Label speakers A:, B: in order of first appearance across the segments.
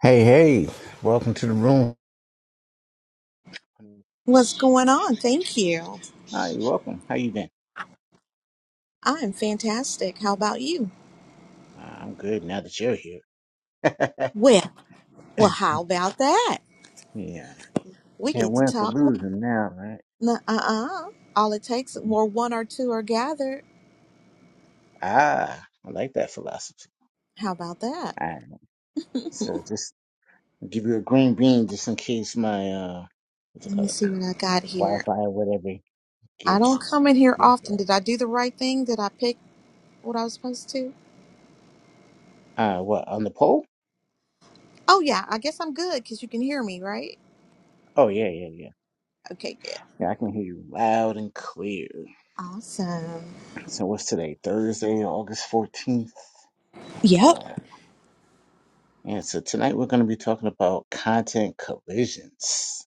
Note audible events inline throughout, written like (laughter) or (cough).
A: Hey, hey, welcome to the room.
B: What's going on? Thank you.
A: Hi, you're welcome. How you been?
B: I'm fantastic. How about you?
A: Uh, I'm good now that you're here. (laughs)
B: Well, well, how about that?
A: yeah.
B: We
A: Can't
B: get to
A: win for
B: talk.
A: losing now, right?
B: Uh uh. All it takes, or one or two are gathered.
A: Ah, I like that philosophy.
B: How about that?
A: All right. So just give you a green bean just in case my, uh, what's
B: Let
A: it
B: me
A: called?
B: see what I got here.
A: Wi-Fi or whatever
B: I
A: gets,
B: don't come in here
A: gets
B: often. Did
A: uh,
B: I do the right thing? Did I pick what I was supposed to?
A: uh, what, on the pole?
B: Oh, yeah. I guess I'm good because you can hear me, right?
A: Oh, yeah, yeah, yeah.
B: Okay, good.
A: Yeah, I can hear you loud and clear.
B: Awesome.
A: So what's today? Thursday, August 14th.
B: Yep.
A: And so tonight we're going to be talking about content collisions.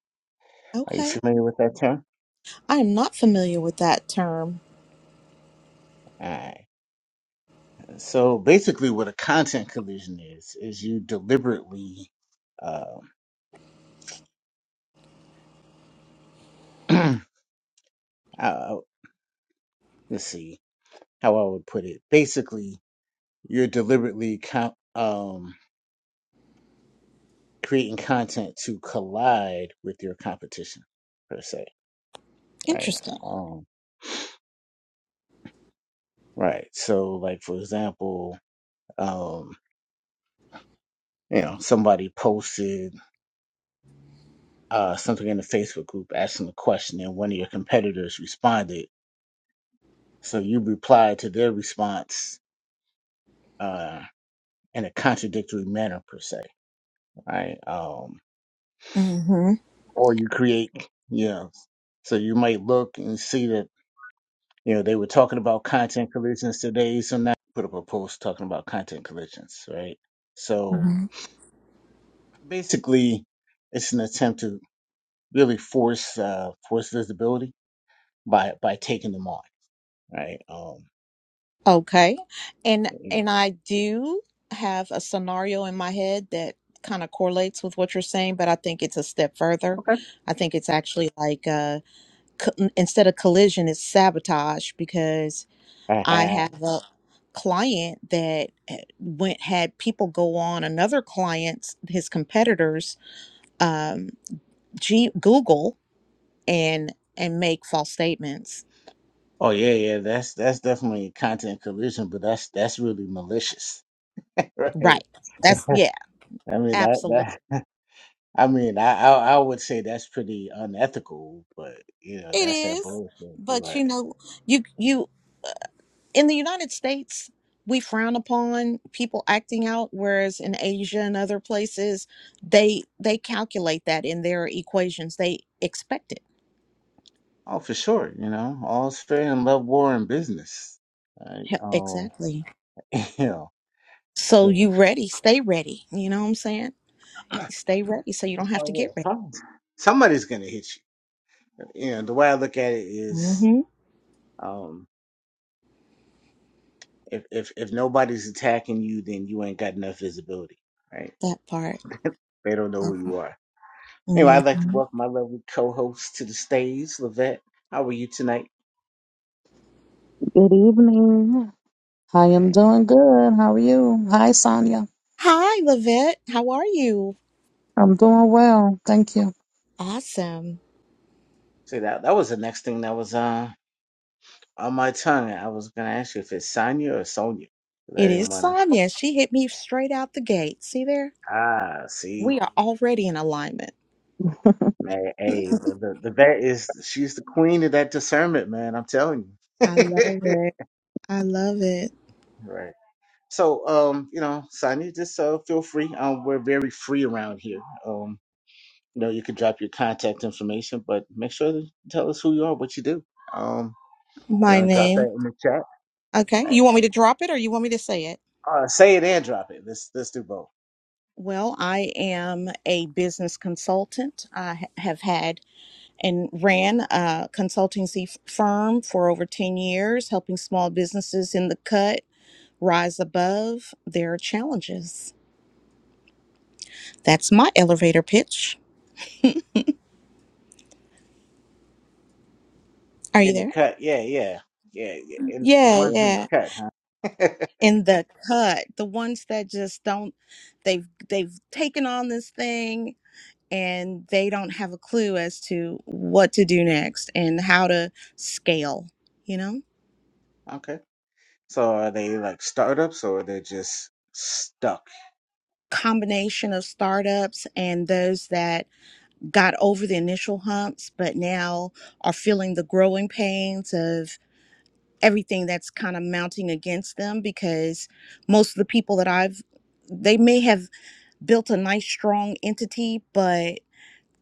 A: Are you
B: Okay.
A: familiar with that term?
B: I am not familiar with that term.
A: All right. So basically, what a content collision is is you deliberately, um, (clears throat) uh, let's see how I would put it. Basically, you're deliberately com- um, creating content to collide with your competition per se. Right.
B: Interesting.
A: Um, right. So, like for example, um, you know, somebody posted. uh, something in the Facebook group asking a question, and one of your competitors responded. So you replied to their response uh, in a contradictory manner, per se, right? Um,
B: Mm
A: or you create, you know, so you might look and see that, you know, they were talking about content collisions today, so now put up a post talking about content collisions, right? So
B: hmm.
A: basically, it's an attempt to really force uh, force visibility by by taking them on, right? Um,
B: Okay. And
A: yeah.
B: and I do have a scenario in my head that kind of correlates with what you're saying, but I think it's a step further. I think it's actually like uh co- instead of collision, it's sabotage because I
A: Okay. (laughs)
B: have a client that uh, went had people go on another client's his competitors um G- Google and and make false statements.
A: Oh yeah, yeah, that's that's definitely content collision, but that's that's really malicious, (laughs) right?
B: Right. That's yeah,
A: I mean, that that (laughs) I mean, I, I I would say that's pretty unethical, but you know,
B: It
A: that's that
B: is,
A: bullshit.
B: but you
A: But
B: know, you you in the United States, we frown upon people acting out, whereas in Asia and other places, they they calculate that in their equations. They expect it.
A: oh, for sure, you know, all's fair in love, war, and business, right?
B: Yeah,
A: Um,
B: Exactly.
A: (laughs) you know,
B: So
A: so
B: you ready? Stay ready. You know what I'm saying?
A: (clears throat)
B: Stay ready, so you don't have to
A: oh yeah,
B: get ready.
A: some, somebody's gonna hit you. You know, the way I look at it is,
B: hmm
A: um, if if if nobody's attacking you, then you ain't got enough visibility, right?
B: That part.
A: They don't know who
B: Okay.
A: you are. Anyway, I'd like to
B: Mhm.
A: welcome my lovely co-host to the stage, Levette. How are you tonight?
C: Good evening. I am
A: Alright.
C: doing good. How are you? Hi, Sonia.
B: Hi, Lavette. How are you?
C: I'm doing well. Thank you.
B: Awesome.
A: So that that was the next thing that was uh, on my tongue. I was gonna ask you if it's Sonya or Sonya, 'cause I
B: It is
A: didn't wanna.
B: Sonya. She hit me straight out the gate. See there?
A: Ah, see,
B: We are already in alignment.
A: man,
B: (laughs)
A: hey, the
B: I
A: the, the vet is she's the queen of that discernment, man. I'm telling you.
B: love
A: (laughs)
B: it. I love it.
A: right. So, um, you know, Sonya, just uh, feel free. Um, we're very free around here. Um, you know, you can drop your contact information, but make sure to tell us who you are, what you do. Um. You
B: My
A: know, drop
B: name.
A: that in the chat.
B: Okay.
A: Like,
B: You want me to drop it or you want me to say it?
A: uh, say it and drop it. Let's let's do both
B: Well, I am a business consultant. I ha- have had and ran a consultancy f- firm for over 10 years, helping small businesses in the cut rise above their challenges. That's my elevator pitch. Are you
A: in the
B: there?
A: cut. Yeah, yeah, yeah. yeah. And the
B: Yeah,
A: ones in the
B: yeah.
A: cut, huh?
B: in the cut the ones that just don't they've they've taken on this thing and they don't have a clue as to what to do next and how to scale you know
A: (laughs) okay. So are they like startups or they're just stuck
B: combination of startups and those that got over the initial humps but now are feeling the growing pains of everything that's kind of mounting against them because most of the people that I've they may have built a nice strong entity but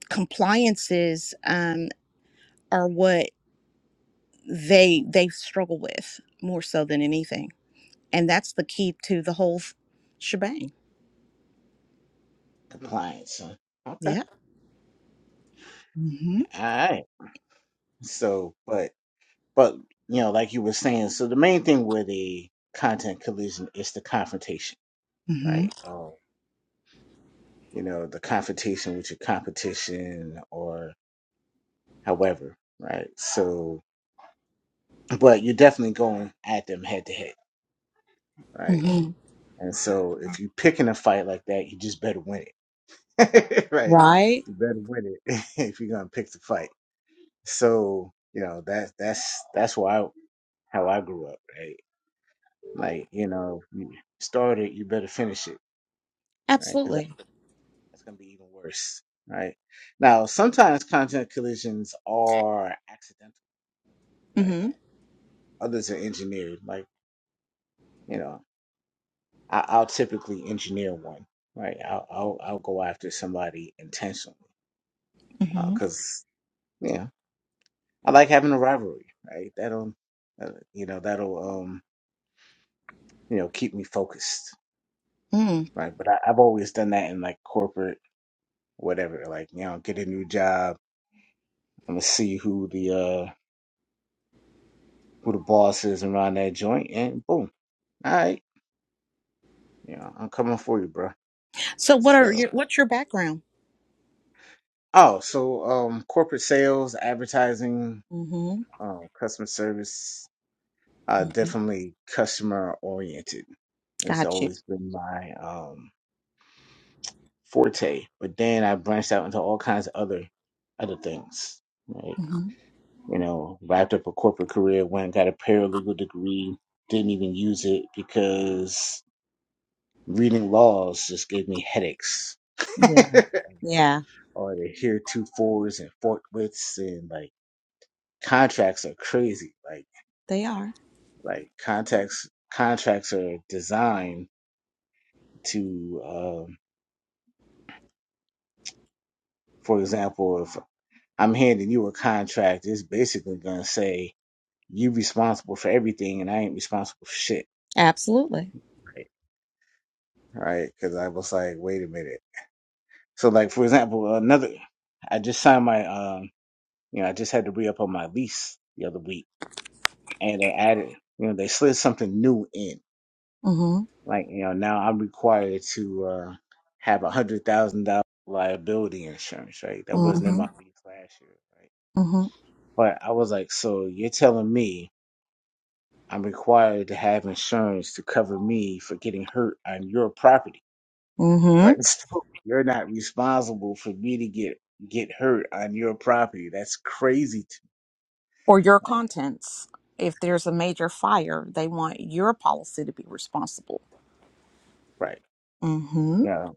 B: compliances um, are what they they struggle with more so than anything, and that's the key to the whole f- shebang.
A: compliance? huh? Okay.
B: Yeah. Mm-hmm.
A: All right. So, but but you know, like you were saying, so the main thing with the content collision is the confrontation,
B: Mm-hmm.
A: right? Oh, you know, the confrontation with your competition or however, right? So but you're definitely going at them head to head, right?
B: Mm-hmm.
A: And so if you're picking a fight like that, you just better win it, (laughs) right?
B: Right.
A: You better win it (laughs) if you're gonna pick the fight. So you know that that's that's why I, how I grew up, right? Like you know, you start it, you better finish it, right? Because that's
B: Absolutely.
A: gonna, that's gonna be even worse, right? Now sometimes content collisions are accidental, right?
B: Mm-hmm.
A: Others are engineered, like. You know, I, I'll typically engineer one, right? I'll I'll, I'll go after somebody intentionally
B: Mm-hmm.
A: because you know I like having a rivalry, right? That'll uh, you know that'll um you know keep me focused,
B: Mm.
A: right? But I, I've always done that in like corporate whatever, like you know get a new job. I'm gonna see who the uh who the boss is around that joint, and boom, all right, you know I'm coming for you, bro.
B: So, what
A: So
B: are your what's your background?
A: oh, so um corporate sales, advertising,
B: Mm-hmm.
A: um, customer service uh,
B: mm-hmm.
A: definitely customer oriented. It's
B: Got you.
A: always been my um, forte. But then I branched out into all kinds of other other things. Right?
B: Mm-hmm.
A: You know, wrapped up a corporate career, went and got a paralegal degree. Didn't even use it because reading laws just gave me headaches. (laughs)
B: Yeah. Yeah.
A: Or the heretofores and forthwiths and like contracts are crazy. Like
B: They are
A: like contracts contracts are designed to. um, For example, if I'm handing you a contract, it's basically gonna say you responsible for everything, and I ain't responsible for shit,
B: absolutely.
A: right? Right? Because I was like, wait a minute. So, like for example, another, I just signed my, um, you know, I just had to re up on my lease the other week, and they added, you know, they slid something new in,
B: Mm-hmm.
A: like you know, now I'm required to uh, have a hundred thousand dollar liability insurance, right? That wasn't in
B: Mm-hmm.
A: my lease last year, right? But I was like, so you're telling me I'm required to have insurance to cover me for getting hurt on your property,
B: Mm-hmm.
A: right? (laughs) So you're not responsible for me to get get hurt on your property. That's crazy to
B: or your
A: me. Like,
B: contents. If there's a major fire, they want your policy to be responsible.
A: right?
B: Mm-hmm.
A: Yeah,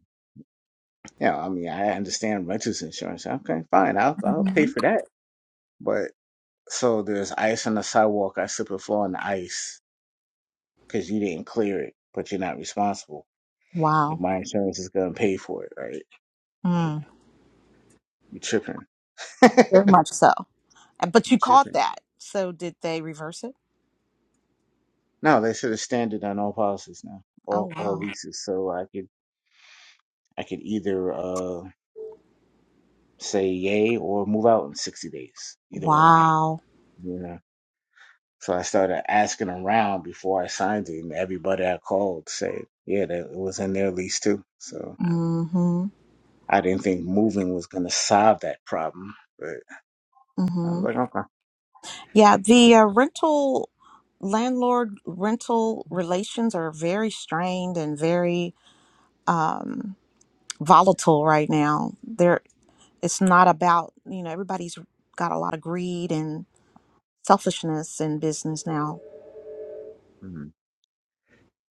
A: yeah. I mean, I understand renters insurance. Okay, fine. I'll I'll
B: mm-hmm.
A: pay for that. But so there's ice on the sidewalk. I slip and fall on the ice because you didn't clear it, but you're not responsible. Like
B: Wow.
A: my insurance is gonna pay for it, right? Like
B: Mm,
A: you tripping. (laughs)
B: very
A: you
B: much so. Uh, But you caught
A: tripping.
B: that. So did they reverse it?
A: No, they set a standard on all policies now,
B: Oh
A: all all
B: wow.
A: leases. So I could I could either uh say yay or move out in sixty days, either or.
B: Wow.
A: You know. So I started asking around before I signed it, and everybody I called said, yeah, that it was in their lease too. So
B: Mm-hmm.
A: I didn't think moving was gonna solve that problem, but I was
B: Mm-hmm.
A: like, okay.
B: Yeah, the uh, rental landlord rental relations are very strained and very um, volatile right now. There, it's not about you know everybody's got a lot of greed and. selfishness in business now.
A: Mm,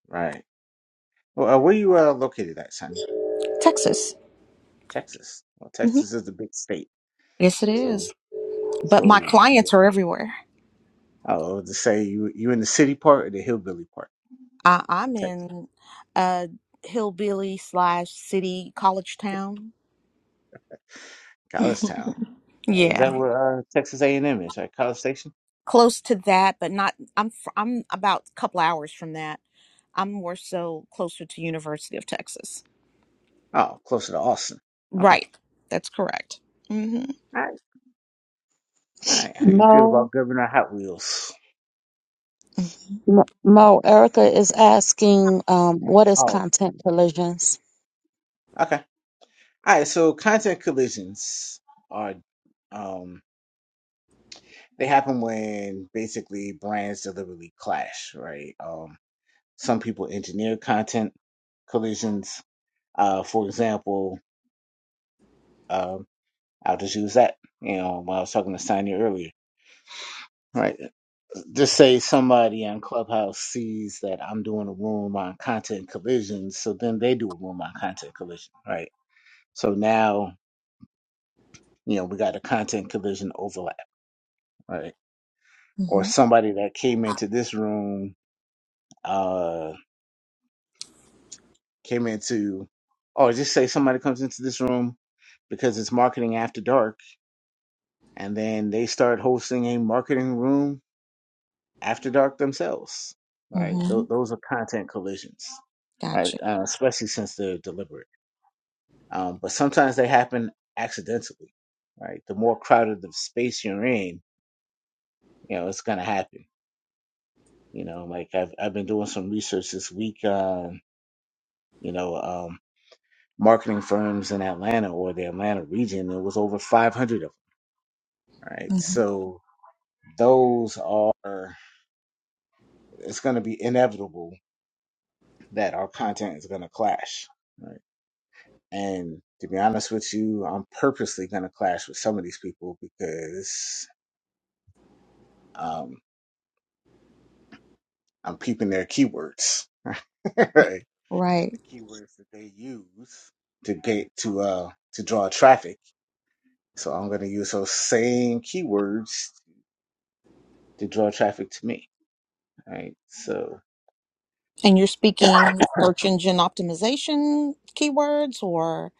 A: right. Well, uh, where you uh, located at, Sonny?
B: Texas.
A: Texas. Well,
B: hmm
A: Texas is a big state.
B: Yes, it
A: So,
B: is. But my
A: so yeah.
B: clients are everywhere.
A: oh, to say you you in the city part or the hillbilly part
B: I,
A: of
B: I'm
A: Texas?
B: in a hillbilly slash city college town.
A: College Town.
B: (laughs)
A: Is that
B: yeah,
A: where uh, Texas A and M is? Right, College Station.
B: close to that, but not. I'm fr- I'm about a couple hours from that. I'm more so closer to University of Texas.
A: Oh, closer to Austin. Okay.
B: Right. That's correct. Mm-hmm.
A: All right. All right. How you feel
C: Mo,
A: about Governor Hot Wheels?
B: Mm-hmm.
C: Mo, Mo, Erica is asking, um, what is
A: Oh,
C: content collisions?
A: okay. All right. So content collisions are, um, they happen when basically brands deliberately clash, right? Um, some people engineer content collisions. Uh, for example, um, I'll just use that. You know, when I was talking to Sonya earlier, right? Just say somebody on Clubhouse sees that I'm doing a room on content collisions, so then they do a room on content collision, right? So now, you know, we got a content collision overlap, right? Or
B: Mm-hmm.
A: somebody that came into this room, uh, came into, or just say somebody comes into this room because it's marketing after dark, and then they start hosting a marketing room after dark themselves, right?
B: Mm-hmm.
A: Th- those are content collisions, right?
B: Gotcha.
A: Uh, especially since they're deliberate. um, but sometimes they happen accidentally, right? The more crowded the space you're in, you know, it's gonna happen. You know, like I've I've been doing some research this week on you know um, marketing firms in Atlanta or the Atlanta region. There was over 500 of them, right?
B: hmm
A: So those are it's gonna be inevitable that our content is gonna clash, right? And to be honest with you, I'm purposely gonna clash with some of these people because um, I'm peeping their keywords, (laughs) right?
B: Right.
A: the keywords that they use to get to uh to draw traffic. So I'm going to use those same keywords to draw traffic to me. Right. So
B: And you're
A: (coughs)
B: speaking search engine optimization keywords or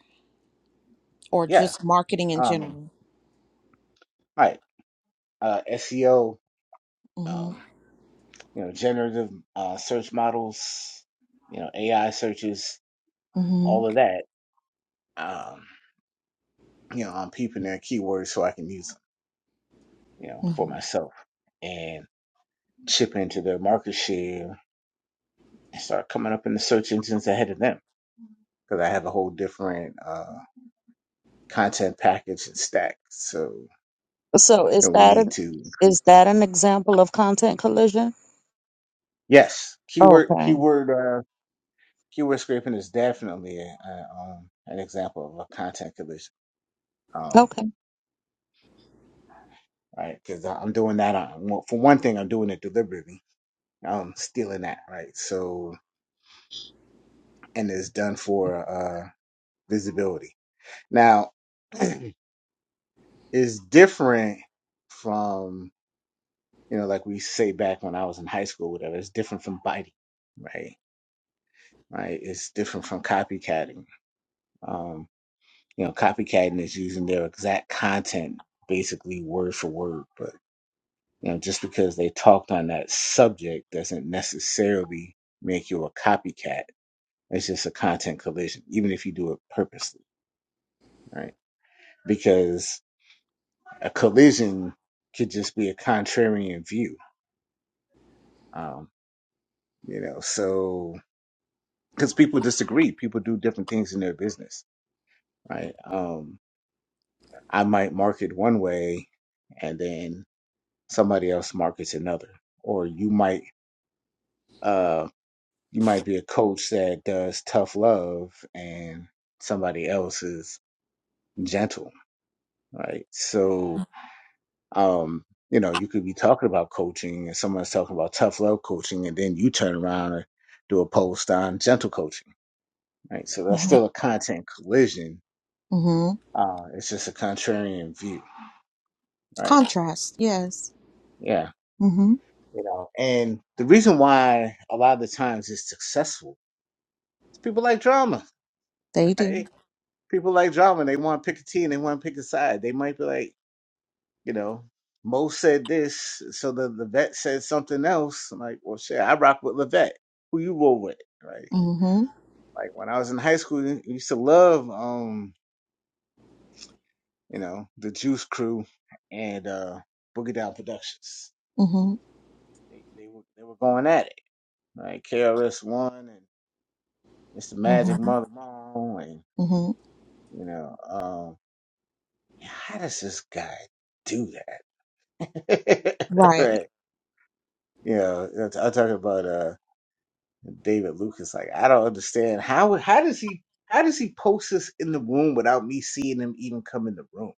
B: or
A: yeah.
B: just marketing in
A: Um. All
B: general?
A: right. Uh, SEO.
B: hmm
A: Um. You know, generative uh, search models. You know, AI searches.
B: hmm
A: All of that. Um. You know, I'm peeping their keywords so I can use them. You know,
B: hmm
A: for myself and chip into their market share and start coming up in the search engines ahead of them because I have a whole different uh, content package and stack. So
C: So
A: you
C: is
A: know, we
C: that
A: need
C: an,
A: to increase.
C: is that an example of content collision?
A: Yes, keyword
C: Okay.
A: keyword uh, keyword scraping is definitely a, a, um, an example of a content collision. Um,
C: Okay.
A: right, because I'm doing that on well, for one thing, I'm doing it deliberately. I'm stealing that right. So and it's done for uh, visibility. Now, (clears throat) it's different from you know, like we say back when I was in high school, whatever, it's different from biting, right? Right? It's different from copycatting. Um, you know, copycatting is using their exact content, basically word for word. But you know, just because they talked on that subject doesn't necessarily make you a copycat. It's just a content collision, even if you do it purposely, right? Because a collision could just be a contrarian view. Um, you know, so because people disagree. People do different things in their business, right? Um, I might market one way, and then somebody else markets another, or you might uh you might be a coach that does tough love, and somebody else is gentle, right? So, um, you know, you could be talking about coaching, and someone's talking about tough love coaching, and then you turn around and do a post on gentle coaching, right? So that's
B: hmm
A: still a content collision
B: hmm
A: Uh, it's just a contrarian view, right?
B: Contrast, yes.
A: Yeah,
B: hmm
A: you know. And the reason why a lot of the times it's successful is people like drama,
B: They
A: (laughs)
B: do.
A: right? People like drama. and They want to pick a team. They want to pick a side. They might be like, you know, Mo said this, so the the vet said something else. I'm like, well, shit, I rock with Levette. Who you roll with, right?
B: hmm
A: Like when I was in high school, I used to love, um, you know, the Juice Crew and uh Boogie Down Productions.
B: hmm
A: They they were they were going at it like KRS One and Mr. Magic
B: hmm
A: Mother Moon and
B: hmm
A: you know, um how does this guy do that? (laughs)
B: Right.
A: right. You know, I'm I'm talking about uh David Lucas. Like I don't understand how how does he how does he post this in the room without me seeing him even come in the room?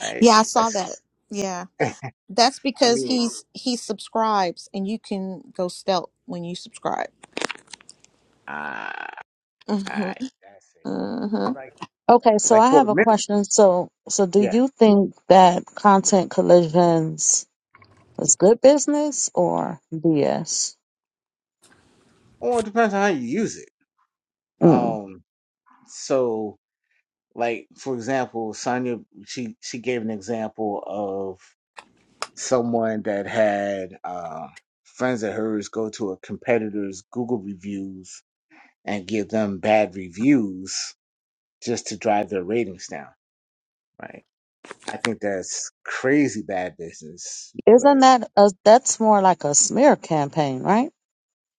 A: Right?
B: Yeah, I saw
A: That's
B: that. Yeah.
A: (laughs) I
B: That's because
A: mean
B: he's he subscribes and you can go stealth when you subscribe.
A: ah
B: hmm
A: uh, that's it.
B: hmm
A: 'Cause Like
C: Okay. So
A: like
C: I
A: for
C: have
A: a
C: a
A: minute,
C: question. So, so do
A: yeah.
C: you think that content collisions is good business or BS?
A: Well it depends on how you use it. Um so Like for example, Sonya she she gave an example of someone that had uh, friends of hers go to a competitor's Google reviews and give them bad reviews just to drive their ratings down. Right. I think that's crazy bad business,
C: Isn't
A: but
C: that a, that's more like a smear campaign, right?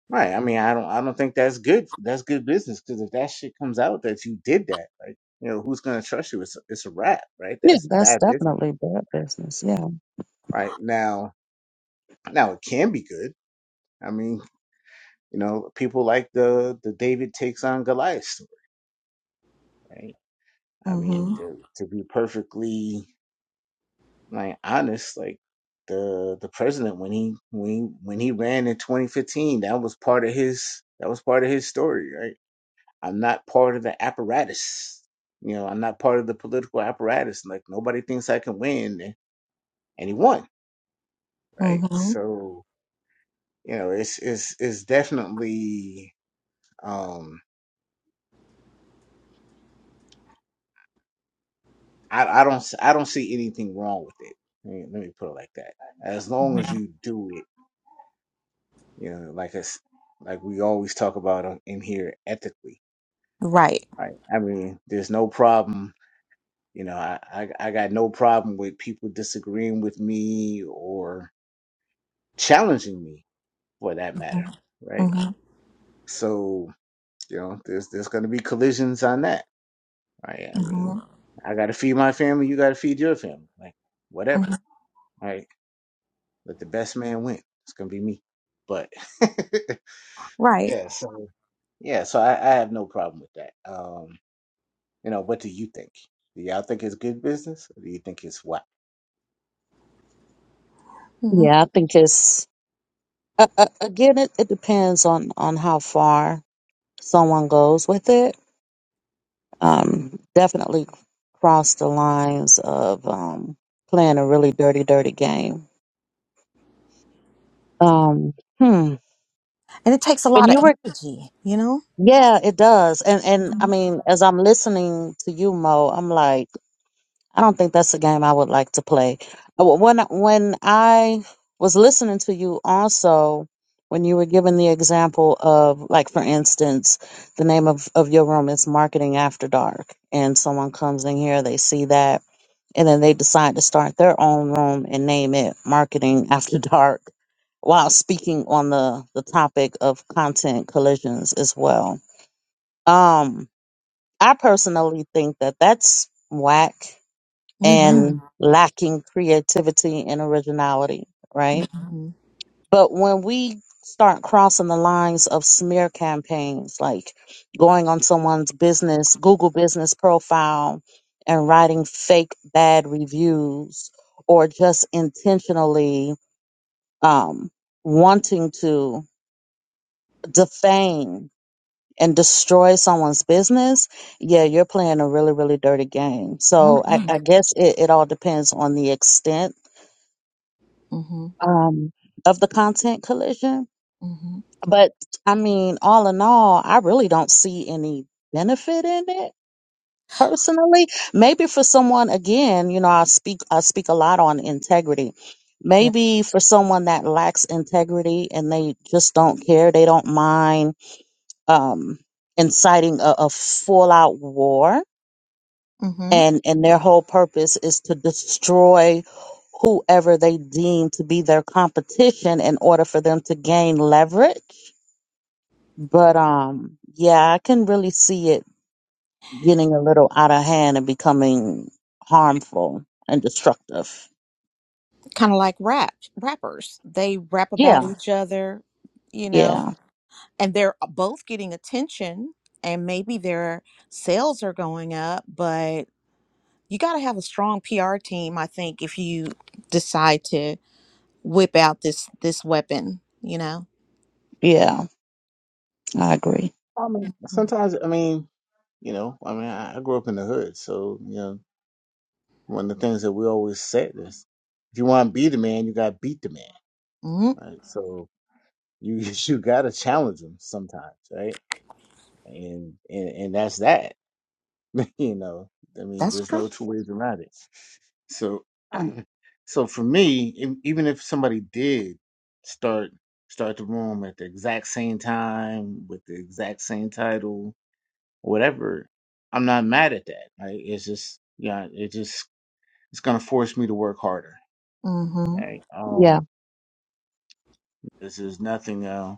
A: Right. I mean, I don't. I don't think that's good. That's good business because if that shit comes out that you did that, like, you know, who's gonna trust you? It's it's a wrap, right?
C: Yeah.
A: That's
C: That's
A: bad business.
C: definitely bad
A: Right
C: business. Yeah.
A: Right. now, now it can be good. I mean, you know, people like the the David takes on Goliath story, right? I mean,
B: hmm
A: to, to be perfectly like honest, like the the president when he when he, when he ran in 2015, that was part of his that was part of his story, right? I'm not part of the apparatus, you know, I'm not part of the political apparatus. Like nobody thinks I can win, and and he won, right?
B: hmm
A: So you know, it's it's it's definitely. um I, I don't s- I don't see anything wrong with it. Let me, let me put it like that. As long as you do it, you know, like us, like we always talk about on- in here, ethically.
B: Right.
A: Right. I mean, there's no problem. You know, I, I I got no problem with people disagreeing with me or challenging me for that matter.
B: hmm
A: Right. So you know, there's there's going to be collisions on that. Right. I mean, I got to feed my family. You got to feed your family. Like
B: hmm
A: whatever. right? Let the best man win. It's gonna be me. But (laughs)
B: Right.
A: yeah, so yeah, so I, I have no problem with that. Um, you know, what do you think? Do y'all think it's good business, or do you think it's what?
B: hmm
C: Yeah, I think it's uh, uh, again, it, it depends on on how far someone goes with it. Um, definitely cross the lines of um, playing a really dirty, dirty game. Um, hmm.
B: And it takes a
C: When
B: lot
C: you
B: of
C: were,
B: energy, you know?
C: yeah, it does. And and I
B: Mm-hmm.
C: mean, as I'm listening to you, Mo, I'm like. I don't think that's a game I would like to play. Uh, wh- When when I was listening to you, also when you were giving the example of, like, for instance, the name of of your room is Marketing After Dark, and someone comes in here, they see that, and then they decide to start their own room and name it Marketing After Dark, while speaking on the the topic of content collisions as well. Um, I personally think that that's whack
B: Mm-hmm.
C: and lacking creativity and originality, right? But when we start crossing the lines of smear campaigns, like going on someone's business, Google business profile, and writing fake bad reviews, or just intentionally um, wanting to defame and destroy someone's business, yeah, you're playing a really, really dirty game. So
B: Mm-hmm.
C: I, I guess it, it all depends on the extent
B: Mm-hmm.
C: um, of the content collision.
B: Mm-hmm.
C: But I mean, all in all, I really don't see any benefit in it personally. Maybe for someone, again, you know, I speak I speak a lot on integrity.
B: Yeah.
C: Maybe for someone that lacks integrity and they just don't care, they don't mind um, inciting a, a full out war
B: Mm-hmm.
C: and and their whole purpose is to destroy whoever they deem to be their competition in order for them to gain leverage but um yeah i can really see it getting a little out of hand and becoming harmful and destructive
B: Kind of like rap rappers. They rap about
C: yeah
B: each other, you know,
C: yeah
B: and they're both getting attention and maybe their sales are going up, but you got to have a strong PR team, I think, if you decide to whip out this this weapon, you know.
C: yeah i agree
A: I mean, sometimes I mean, you know, I mean, I, I grew up in the hood, so you know, one of the things that we always said is, if you want to be the man, you got to beat the man,
B: Mm-hmm.
A: right? So you (laughs) you got to challenge him sometimes, right? And and and that's that. You know, I mean,
B: That's
A: there's
B: true.
A: no two ways around it. So, (clears throat) so for me, e- even if somebody did start start the room at the exact same time with the exact same title, whatever, I'm not mad at that. Right? It's just, yeah, it just it's gonna force me to work harder.
B: Mm-hmm.
A: Right?
C: yeah
A: Um, this is nothing, uh,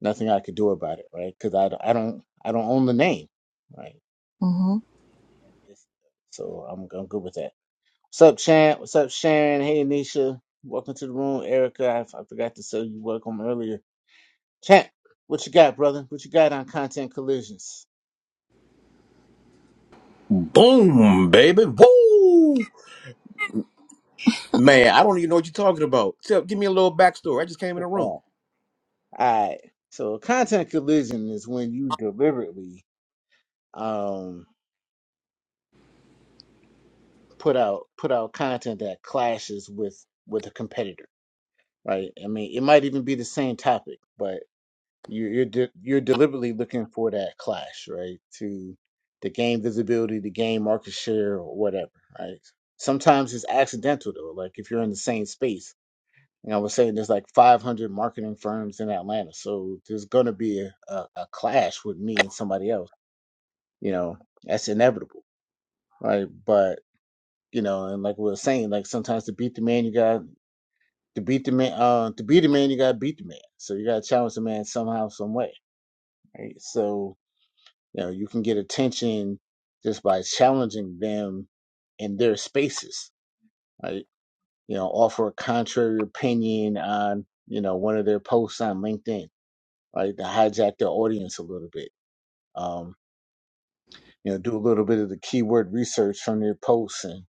A: nothing I could do about it. Right? Because I, don't- I don't I don't own the name. Right?
B: Mm-hmm.
A: And this, so I'm I'm good with that. What's up, Chan? What's up, Sharon? Hey, Anisha. Welcome to the room, Erica. I, I forgot to say you welcome earlier. Chan, what you got, brother? What you got on content collisions?
D: Boom, baby. Woo! Man, I don't even know what you're talking about. Tell, give me a little backstory. I just came in the
A: (laughs)
D: room.
A: All right. So, a content collision is when you deliberately um, put out put out content that clashes with with a competitor, right? I mean, it might even be the same topic, but You're you're de- you're deliberately looking for that clash, right? To to gain visibility, to gain market share, or whatever, right? Sometimes it's accidental though. Like if you're in the same space, and I was saying there's like 500 marketing firms in Atlanta, so there's gonna be a, a, a clash with me and somebody else. You know, that's inevitable, right? But you know, and like we were saying, like sometimes to beat the man, you got to beat the man. Uh, to beat the man, you got to beat the man. So you got to challenge the man somehow, some way, right? So You know, you can get attention just by challenging them in their spaces, right? You know, offer a contrary opinion on, you know, one of their posts on LinkedIn, right? To hijack their audience a little bit. Um, you know, do a little bit of the keyword research from their posts and,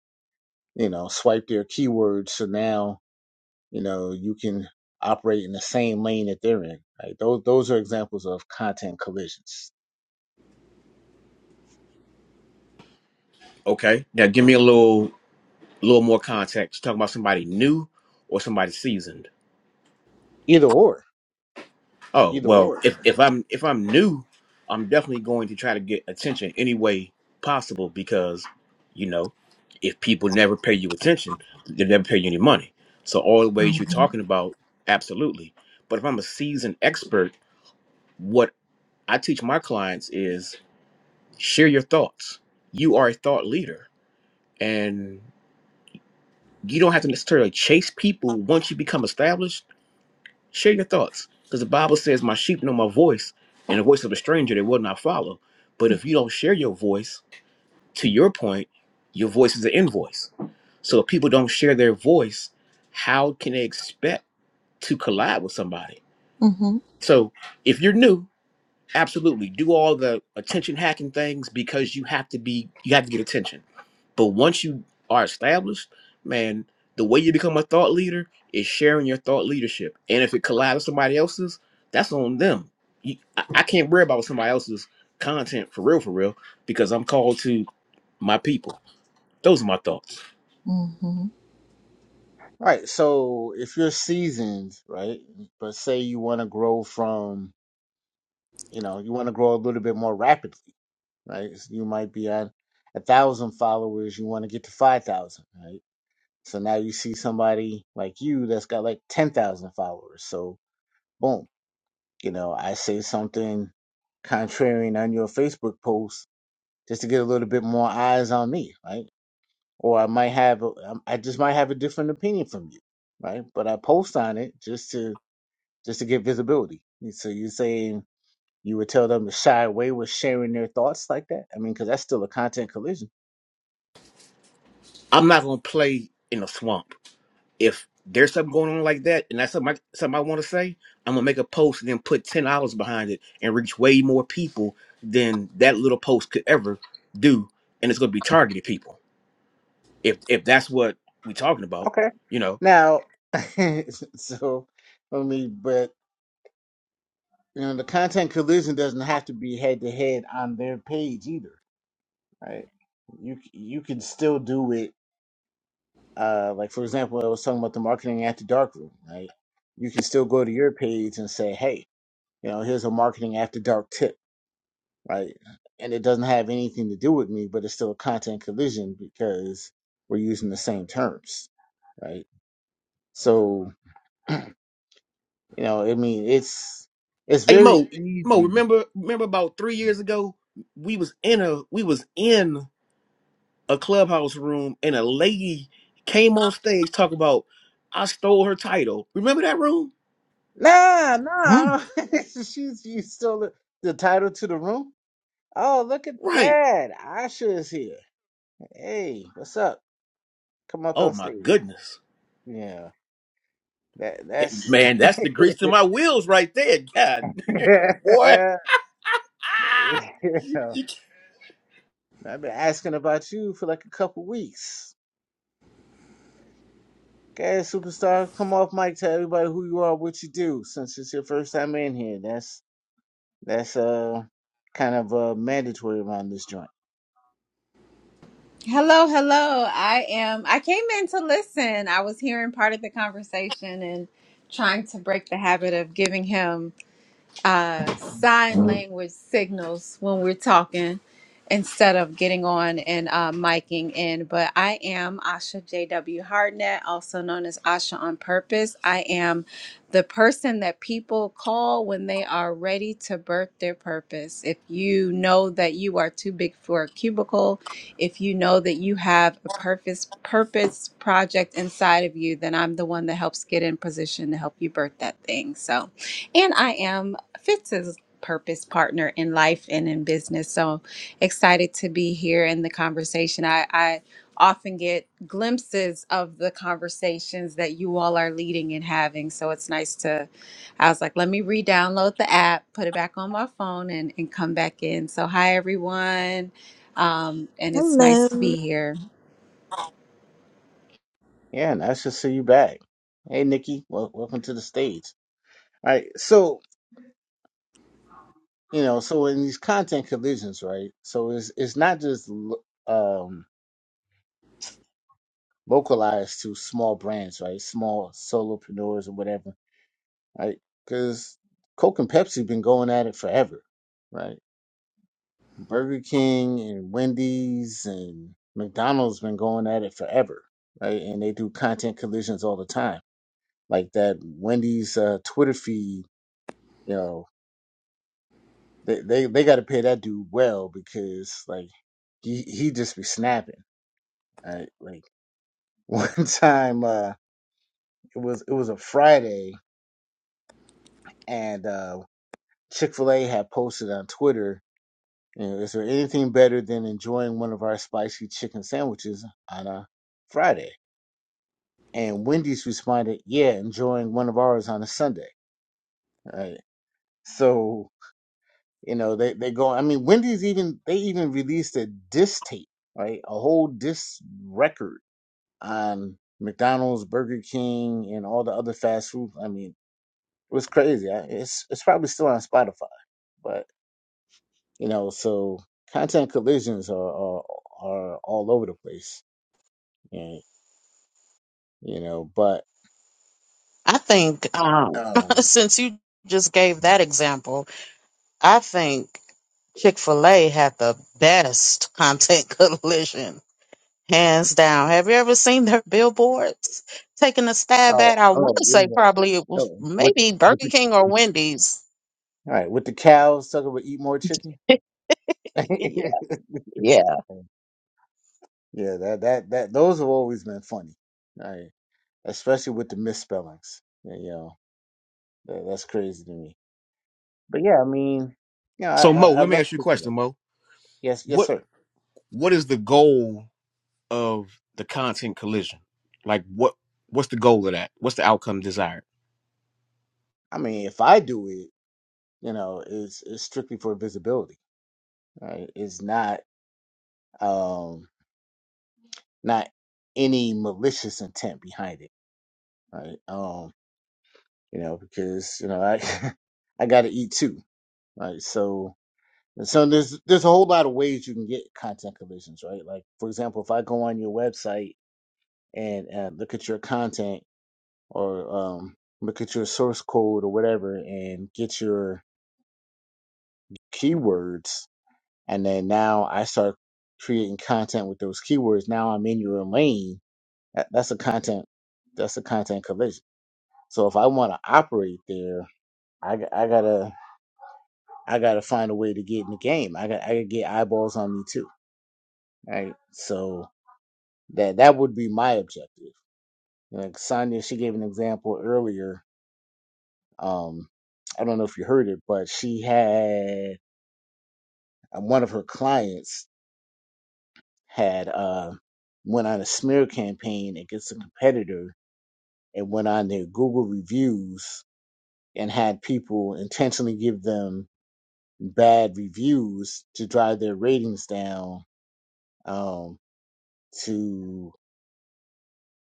A: you know, swipe their keywords. So now, you know, you can operate in the same lane that they're in, right? Those, those are examples of content collisions.
D: Okay. Now give me a little little more context. Talking about somebody new or somebody seasoned.
A: Either or,
D: Oh,
A: either
D: well,
A: or.
D: if,
A: right?
D: if I'm if I'm new, I'm definitely going to try to get attention any way possible because, you know, if people never pay you attention, they never pay you any money. So all the ways you're talking about, absolutely. But if I'm a seasoned expert, what I teach my clients is share your thoughts. You are a thought leader, and you don't have to necessarily chase people once you become established. Share your thoughts because the Bible says, My sheep know my voice, and the voice of a stranger they will not follow. But if you don't share your voice, to your point, your voice is an invoice. So if people don't share their voice, how can they expect to collab with somebody?
B: Mm-hmm.
D: So if you're new, absolutely do all the attention hacking things because you have to be you have to get attention but once you are established man the way you become a thought leader is sharing your thought leadership and if it collides with somebody else's that's on them you, I, I can't worry about somebody else's content for real for real because i'm called to my people those are my thoughts
B: Mm-hmm.
A: Right. So if you're seasoned, right, but say you want to grow from, you know, you want to grow a little bit more rapidly, right? So You might be at a thousand followers, you want to get to five thousand, right? So now you see somebody like you that's got like ten thousand followers. So boom, you know, I say something contrarian on your Facebook post just to get a little bit more eyes on me, right? Or I might have, a, I just might have a different opinion from you, right? But I post on it just to just to get visibility. So you're saying you would tell them to shy away with sharing their thoughts like that? I mean, because that's still a content collision.
D: i'm not going to play in a swamp If there's something going on like that, and that's something I, something I want to say, I'm gonna make a post and then put ten dollars behind it and reach way more people than that little post could ever do, and it's gonna be targeted people. If if that's what we're talking about,
A: Okay.
D: you know.
A: Now, (laughs) so I mean, but you know, the content collision doesn't have to be head to head on their page either, right? You you can still do it. Uh, like for example, I was talking about the marketing after dark room, right? You can still go to your page and say, hey, you know, here's a marketing after dark tip right? And it doesn't have anything to do with me, but it's still a content collision because we're using the same terms, right? So, you know, I mean, it's it's
D: Hey
A: very
D: Mo, Mo,
A: easy.
D: remember remember about three years ago we was in a we was in a clubhouse room and a lady came on stage talking about I stole her title. Remember that room?
A: Nah,
B: Mm.
A: nah, (laughs) she's you stole the, the title to the room. Oh, look at
D: Right.
A: that! Asha is here. Hey, what's up? Come up
D: Oh
A: on
D: my
A: stage.
D: goodness.
A: Yeah, that that's.
D: Man, that's the grease to my wheels right there. God
A: (laughs)
D: damn,
A: yeah,
D: boy. You can't-
A: I've been asking about you for like a couple weeks. Okay, superstar, come off mic. Tell everybody who you are, what you do. Since it's your first time in here, that's that's uh kind of uh mandatory around this joint.
E: Hello, hello. I am I came in to listen. I was hearing part of the conversation and trying to break the habit of giving him uh, sign language signals when we're talking instead of getting on and uh, miking in. But I am Asha J.W. Hardnett, also known as Asha on Purpose. I am the person that people call when they are ready to birth their purpose. If you know that you are too big for a cubicle, if you know that you have a purpose purpose project inside of you, then I'm the one that helps get in position to help you birth that thing. So and I am fits his purpose partner in life and in business. So excited to be here in the conversation. I, I often get glimpses of the conversations that you all are leading and having. So it's nice to, I was like, let me re download the app, put it back on my phone, and, and come back in. So, hi, everyone. Um, and it's nice to
B: Hello.
E: be here.
A: Yeah, nice to see you back. Hey, Nikki, wel- welcome to the stage. All right, so you know, so in these content collisions, right? So it's it's not just lo- um localized to small brands, right? Small solopreneurs or whatever, right? Because Coke and Pepsi been going at it forever, right? Burger King and Wendy's and McDonald's been going at it forever, right? And they do content collisions all the time. Like that Wendy's uh, Twitter feed, you know, they they, they got to pay that dude well because like he he just be snapping. Right? Like (laughs) one time, uh, it was it was a Friday and uh, Chick Fil A had posted on Twitter. You know, is there anything better than enjoying one of our spicy chicken sandwiches on a Friday? And Wendy's responded, yeah, enjoying one of ours on a Sunday, right? So, you know, they, they go, I mean, Wendy's even, they even released a diss tape, right? A whole diss record on McDonald's, Burger King, and all the other fast food. I mean, it was crazy. I- It's, it's probably still on Spotify, but, you know, so content collisions are, are, are all over the place, and, you know, but,
C: i think um (laughs)
A: um,
C: since you just gave that example i think chick-fil-a had the best content (laughs) collision Hands down. Have you ever seen their billboards taking a stab
A: oh,
C: at? I want
A: oh,
C: to
A: yeah,
C: say
A: yeah.
C: probably it was
A: Oh, what
C: maybe
A: what
C: Burger King or Wendy's.
A: All right, with the cows, sucker would eat more chicken.
C: (laughs)
A: (laughs)
C: yeah. Yeah.
A: Yeah, that that that those have always been funny. All right, especially with the misspellings. Yeah, you know, that, that's crazy to me. But yeah, I mean, you know, I
D: So
A: I,
D: Mo,
A: I
D: let me
A: love
D: ask you a
A: picking up.
D: question, Mo.
A: Yes, yes,
D: What
A: sir.
D: what is the goal of the content collision? Like what what's the goal of that? What's the outcome desired?
A: I mean, if I do it, you know, it's it's strictly for visibility. Right? It's not um not any malicious intent behind it. Right? Um, you know, because you know I (laughs) I got to eat too. Right? So And so there's there's a whole lot of ways you can get content collisions, right? Like for example, if I go on your website and uh, look at your content or um, look at your source code or whatever, and get your keywords, and then now I start creating content with those keywords. Now I'm in your lane. That, that's a content. That's a content collision. So if I want to operate there, I, g- I gotta I gotta find a way to get in the game. I got I gotta get eyeballs on me too, right? So That that would be my objective. Like Sonia, she gave an example earlier. Um, I don't know if you heard it, but she had uh, one of her clients had uh, went on a smear campaign against a competitor and went on their Google reviews and had people intentionally give them bad reviews to drive their ratings down um, to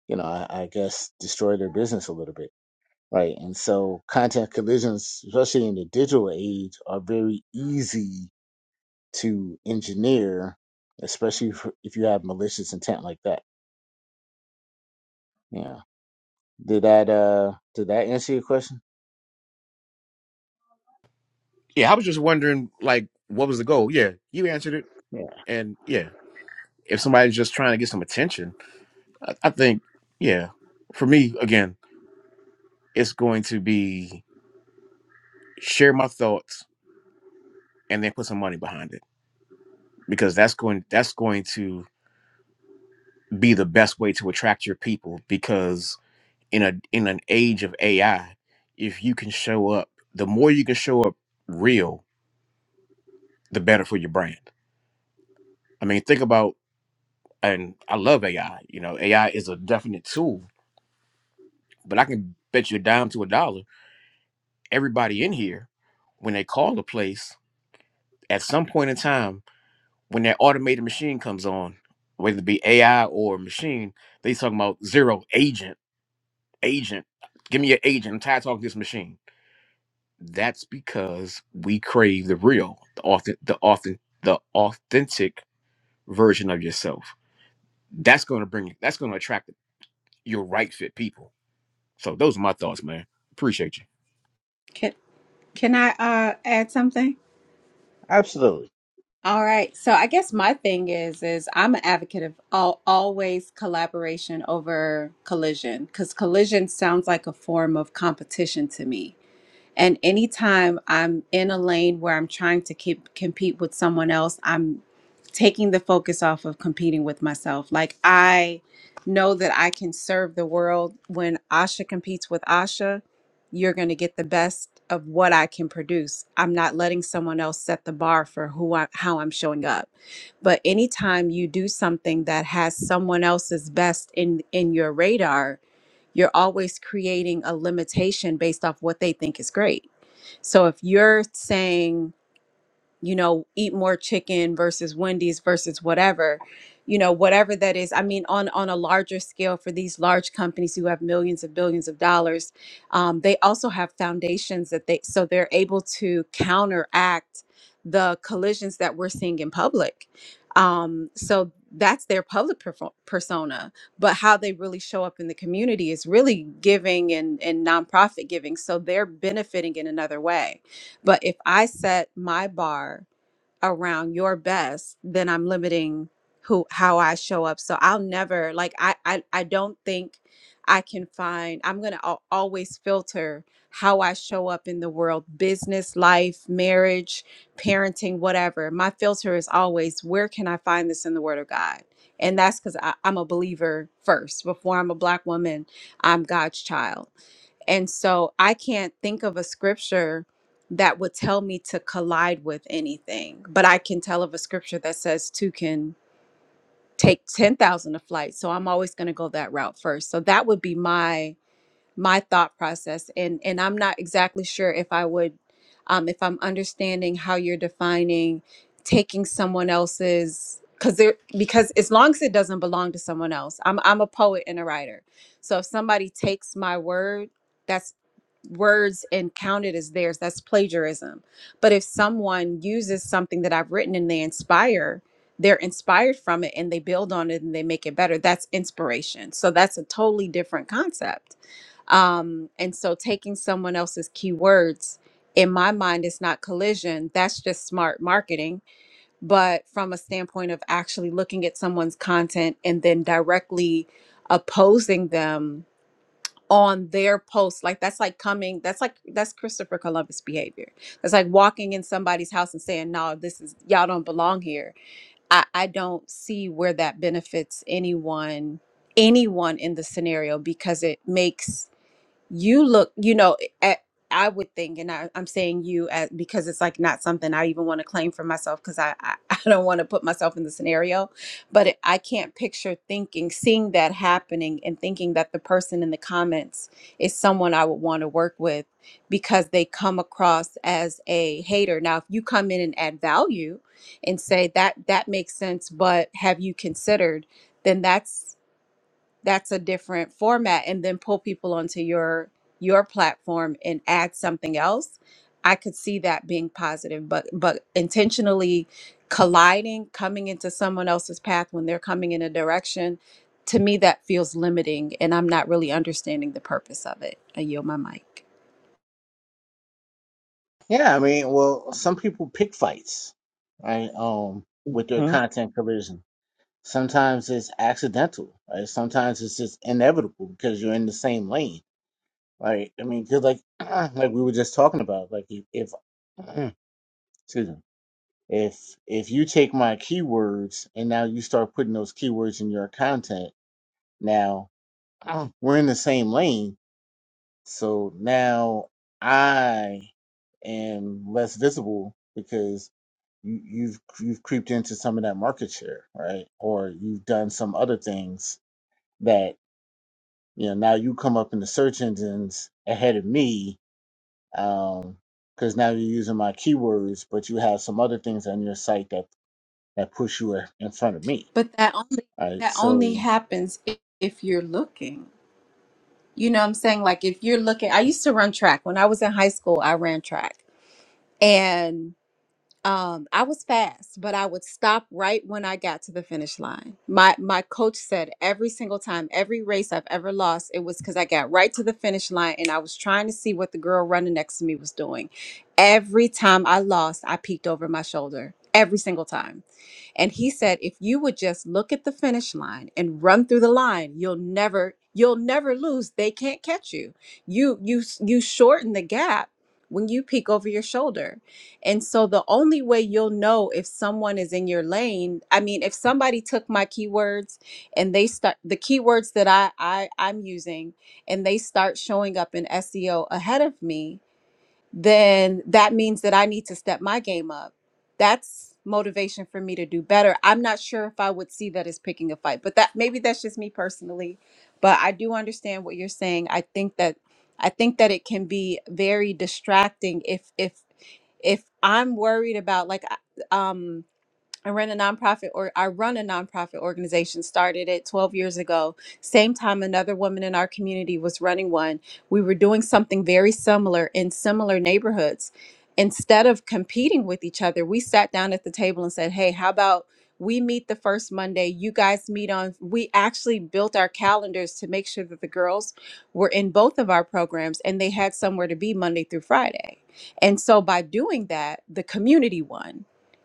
A: you know I, I guess destroy their business a little bit. right? And so content collisions, especially in the digital age, are very easy to engineer, especially if if you have malicious intent like that. Yeah. Did that uh did that answer your question?
D: Yeah, I was just wondering like what was the goal? Yeah, you answered it.
A: Yeah,
D: And yeah, if somebody's just trying to get some attention, I, I think yeah, for me again, it's going to be share my thoughts and then put some money behind it because that's going that's going to be the best way to attract your people because in a in an age of AI, if you can show up, the more you can show up real, the better for your brand. I mean, think about and I love AI. You know, AI is a definite tool, but I can bet you a dime to a dollar. Everybody in here, when they call a place, at some point in time, when that automated machine comes on, whether it be AI or machine, they talking about zero agent, agent. Give me your agent. I'm tired of talking to this machine That's because we crave the real, the often, the often, the authentic version of yourself. That's going to bring, that's going to attract your right fit people. So those are my thoughts, man. Appreciate you.
E: Can, can I uh, add something?
A: absolutely.
E: All right. So I guess my thing is is I'm an advocate of all, always collaboration over collision cuz collision sounds like a form of competition to me. And anytime I'm in a lane where I'm trying to keep, compete with someone else, I'm taking the focus off of competing with myself. Like I know that I can serve the world. When Asha competes with Asha, you're going to get the best of what I can produce. I'm not letting someone else set the bar for who I, how I'm showing up. But anytime you do something that has someone else's best in in your radar, you're always creating a limitation based off what they think is great so if you're saying, you know, eat more chicken versus Wendy's versus whatever, you know, whatever that is, I mean, on on a larger scale for these large companies who have millions and billions of dollars, um, they also have foundations that they so they're able to counteract the collisions that we're seeing in public. Um, so that's their public perfo- persona, but how they really show up in the community is really giving and, and nonprofit giving. So they're benefiting in another way but if I set my bar around your best, then I'm limiting who how I show up. So I'll never like I I, I don't think I can find I'm going to always filter how I show up in the world, business, life, marriage, parenting, whatever. My filter is always where can I find this in the word of God? And that's because I'm a believer first. Before I'm a black woman, I'm God's child. And so I can't think of a scripture that would tell me to collide with anything, but I can tell of a scripture that says two can take 10,000 a flight. So I'm always going to go that route first. So that would be my my thought process and and i'm not exactly sure if i would um, if i'm understanding how you're defining taking someone else's because there because as long as it doesn't belong to someone else i'm i'm a poet and a writer so if somebody takes my word that's words and counted as theirs that's plagiarism but if someone uses something that i've written and they inspire they're inspired from it and they build on it and they make it better that's inspiration so that's a totally different concept um, and so taking someone else's keywords in my mind is not collision. That's just smart marketing. But from a standpoint of actually looking at someone's content and then directly opposing them on their post, like that's like coming, that's like, that's Christopher Columbus behavior. That's like walking in somebody's house and saying, no, this is, y'all don't belong here. I, I don't see where that benefits anyone, anyone in the scenario because it makes you look you know at, i would think and I, i'm saying you at, because it's like not something i even want to claim for myself because I, I (laughs) i don't want to put myself in the scenario but it, i can't picture thinking seeing that happening and thinking that the person in the comments is someone i would want to work with because they come across as a hater now if you come in and add value and say that that makes sense but have you considered then that's that's a different format and then pull people onto your your platform and add something else i could see that being positive but but intentionally colliding coming into someone else's path when they're coming in a direction to me that feels limiting and i'm not really understanding the purpose of it i yield my mic
A: Yeah, I mean, well, some people pick fights, right? Um, with their
C: Mhm.
A: content collision. Sometimes it's accidental, right? Sometimes it's just inevitable because you're in the same lane, right? I mean, because like (clears throat) like we were just talking about, like if if- (clears throat) excuse me if if you take my keywords and now you start putting those keywords in your content now (clears throat) we're in the same lane so now i am less visible because you, you've you've creeped into some of that market share right or you've done some other things that you know now you come up in the search engines ahead of me um because now you're using my keywords but you have some other things on your site that that push you in front of me
E: but that only
A: Right.
E: that only
A: So,
E: happens if, if you're looking you know what i'm saying like if you're looking i used to run track when i was in high school i ran track and um i was fast but i would stop right when i got to the finish line my my coach said every single time every race i've ever lost it was because i got right to the finish line and i was trying to see what the girl running next to me was doing every time i lost i peeked over my shoulder every single time and he said, if you would just look at the finish line and run through the line, you'll never you'll never lose. They can't catch you. You you you shorten the gap when you peek over your shoulder. And so the only way you'll know if someone is in your lane, I mean, if somebody took my keywords and they start the keywords that I, I I'm using and they start showing up in SEO ahead of me, then that means that I need to step my game up. That's motivation for me to do better. I'm not sure if I would see that as picking a fight, but that maybe that's just me personally. But I do understand what you're saying. I think that I think that it can be very distracting if if if I'm worried about like I- um I run a nonprofit or I run a nonprofit organization, started it 12 years ago. Same time another woman in our community was running one. We were doing something very similar in similar neighborhoods. Instead of competing with each other, we sat down at the table and said, Hey, how about we meet the first Monday? You guys meet on. We actually built our calendars to make sure that the girls were in both of our programs and they had somewhere to be Monday through Friday. And so by doing that, the community won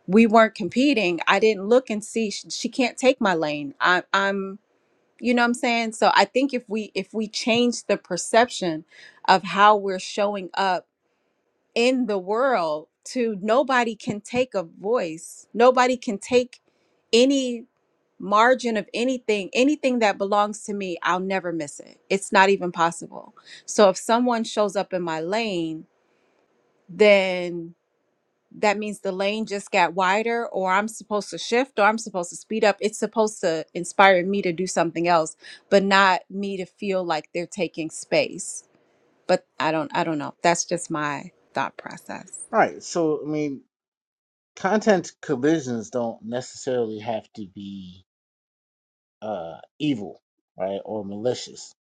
E: we weren't competing i didn't look and see she, she can't take my lane I, i'm you know what i'm saying so i think if we if we change the perception of how we're showing up in the world to nobody can take a voice nobody can take any margin of anything anything that belongs to me i'll never miss it it's not even possible so if someone shows up in my lane then that means the lane just got wider or i'm supposed to shift or i'm supposed to speed up it's supposed to inspire me to do something else but not me to feel like they're taking space but i don't i don't know that's just my thought process
A: right. So, I mean, content collisions don't necessarily have to be uh evil, right, or malicious.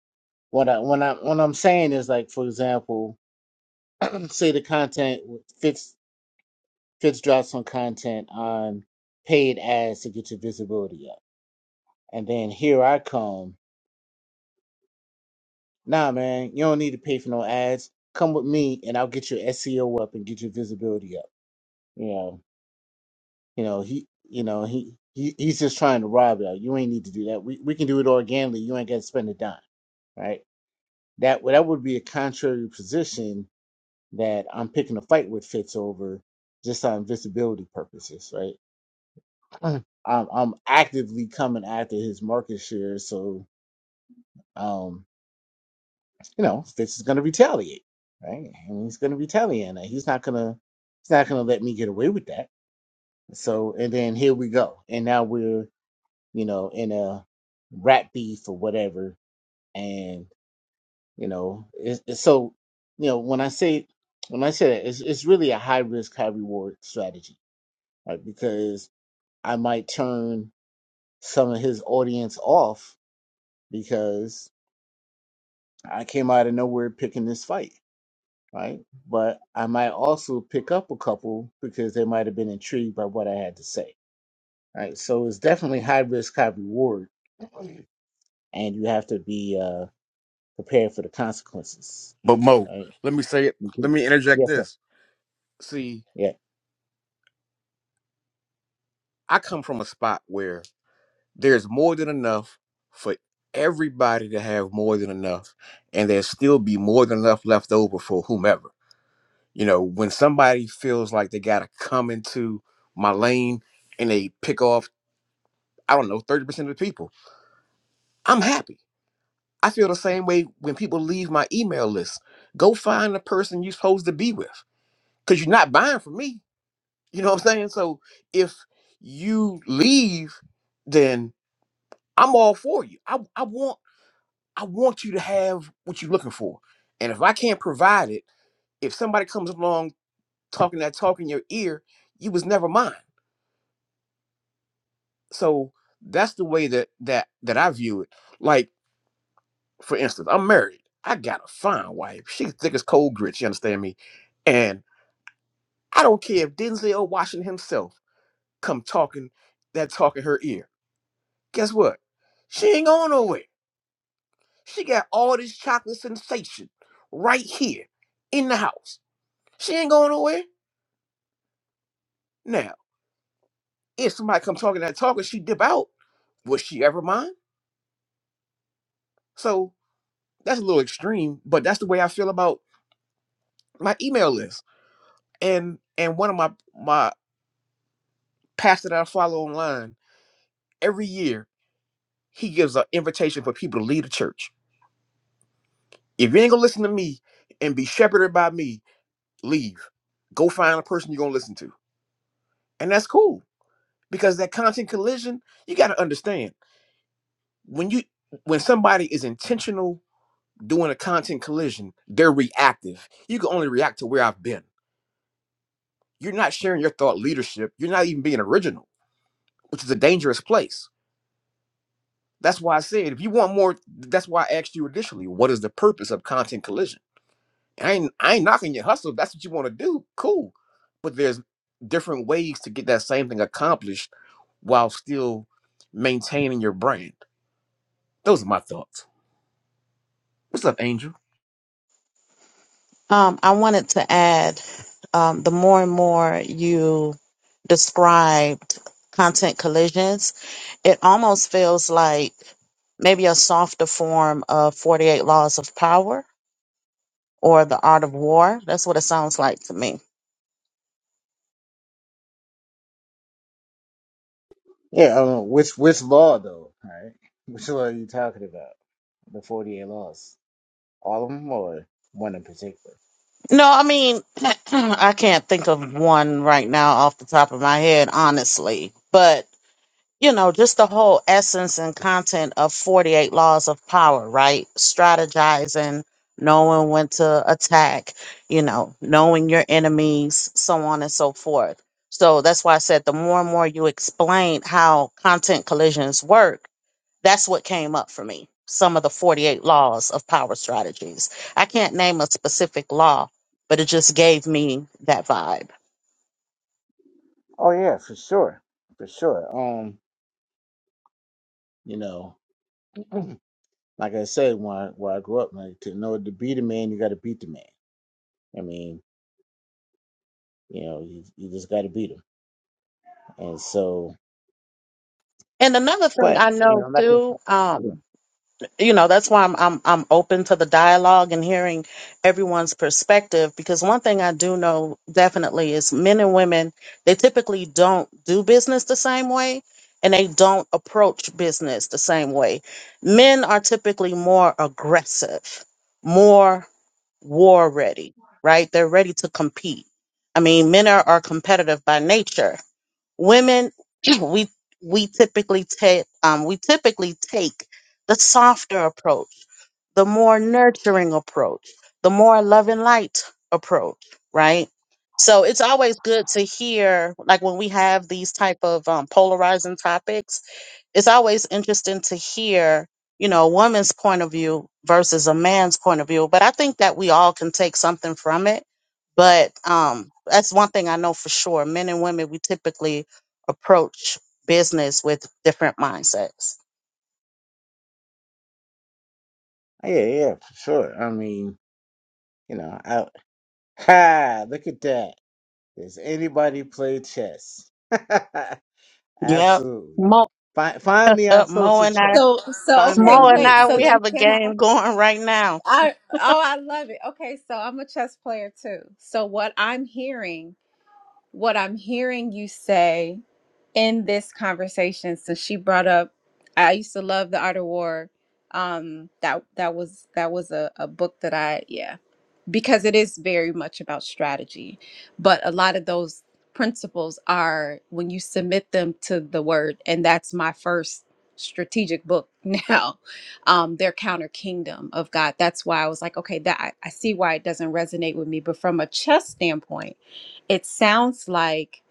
A: What I when I what I'm saying is like, for example, (clears throat) say the content fits fits drops some content on paid ads to get your visibility up, and then here I come. Nah, man, you don't need to pay for no ads. Come with me, and I'll get your SEO up and get your visibility up. Yeah. You know, he you know, he, he he's just trying to rob you. You ain't need to do that. We we can do it organically. You ain't gotta spend a dime, right? That that would be a contrary position that I'm picking a fight with Fitz over just on visibility purposes, right? Mhm. (clears throat) I'm I'm actively coming after his market share, so um, you know, Fitz is gonna retaliate, right? And he's gonna retaliate. and He's not gonna he's not gonna let me get away with that. So and then here we go. And now we're you know, in a rap beef or whatever. And, you know, it's, it's so, you know, when I say, when I say that, it's, it's really a high risk, high reward strategy, right? Because I might turn some of his audience off because I came out of nowhere picking this fight, right? But I might also pick up a couple because they might have been intrigued by what I had to say, right? So it's definitely high risk, high reward. And you have to be, uh, prepared for the consequences.
D: But Mo,
A: Right?
D: let me say it.
A: You
D: Let me interject
A: Yes, sir.
D: this. See,
A: Yeah.
D: I come from a spot where there's more than enough for everybody to have more than enough, and there still be more than enough left over for whomever. You know, when somebody feels like they gotta come into my lane and they pick off, I don't know, 30% of the people, I'm happy. I feel the same way when people leave my email list. Go find the person you're supposed to be with. Cause you're not buying from me. You know what I'm saying? So if you leave, then I'm all for you. I, I want I want you to have what you're looking for. And if I can't provide it, if somebody comes along talking that talk in your ear, you was never mine. So that's the way that that that I view it. Like, for instance, I'm married. I got a fine wife. She's thick as cold grits, you understand me? And I don't care if Denzel Washington himself come talking that talk in her ear. Guess what? She ain't going nowhere. She got all this chocolate sensation right here in the house. She ain't going nowhere. Now, if somebody come talking that talk and she dip out, would she ever mind? So that's a little extreme, but that's the way I feel about my email list and and one of my my pastor that I follow online every year he gives an invitation for people to leave the church. If you ain't gonna listen to me and be shepherded by me, leave. Go find a person you're gonna listen to, and that's cool because that content collision you got to understand when you when somebody is intentional doing a content collision they're reactive you can only react to where i've been you're not sharing your thought leadership you're not even being original which is a dangerous place That's why I said if you want more, that's why I asked you initially, what is the purpose of content collision? I ain't I ain't knocking your hustle. If that's what you want to do, cool. But there's different ways to get that same thing accomplished while still maintaining your brand. Those are my thoughts. What's up, Angel?
C: Um, I wanted to add um, the more and more you described content collisions, it almost feels like maybe a softer form of 48 Laws of Power or The Art of War. That's what it sounds like to me.
A: Yeah. Um, which which law though? Right? (laughs) Which law are you talking about? The forty eight laws, all of them, or one in particular?
C: No, I mean, (clears throat) I can't think of one right now off the top of my head, honestly. But, you know, just the whole essence and content of 48 Laws of Power, right? Strategizing, knowing when to attack, you know, knowing your enemies, so on and so forth. So that's why I said the more and more you explain how content collisions work that's what came up for me. Some of the 48 laws of power strategies. I can't name a specific law, but it just gave me that vibe.
A: Oh yeah, for sure, for sure. Um, you know, (clears throat) like I said, when I, when I grew up, like to know to beat a man, you got to beat the man. I mean, you know, you, you just got to beat him. And so,
C: And another thing
A: but
C: I
A: you
C: know
A: know, like I-
C: too,
A: yeah,
C: um, you know, that's why I'm I'm I'm open to the dialogue and hearing everyone's perspective because one thing I do know definitely is men and women, they typically don't do business the same way and they don't approach business the same way. Men are typically more aggressive, more war ready, right? They're ready to compete. I mean, men are, are competitive by nature. Women, (clears throat) we we typically take um, we typically take the softer approach, the more nurturing approach, the more love and light approach, right? So it's always good to hear, like when we have these type of um, polarizing topics it's always interesting to hear, you know, a woman's point of view versus a man's point of view. But I think that we all can take something from it. But um, that's one thing I know for sure. Men and women, we typically approach business with different mindsets.
A: yeah, yeah, for sure. I mean, you know, I, (laughs) ha, look at that. Does anybody play chess? (laughs)
C: Yep.
A: absolutely.
C: Mo,
A: Find, find me on
C: uh, Mo
A: social
C: and
A: chat.
C: I,
E: so so
A: Find me
E: okay
A: on
C: Mo and
E: wait
A: social
C: I,
E: so
C: we
A: chat.
E: then
C: have a
E: can i
C: game going right now.
E: i oh i love it okay so i'm a chess player too so what i'm hearing what I'm hearing you say in this conversation, since she brought up, I used to love the Art of War. Um, that that was that was a, a book that I yeah because it is very much about strategy, but a lot of those principles are when you submit them to the word, and that's my first strategic book (laughs) now. Um, their counter kingdom of God. That's why I was like, okay, that I, I see why it doesn't resonate with me, but from a chess standpoint it sounds like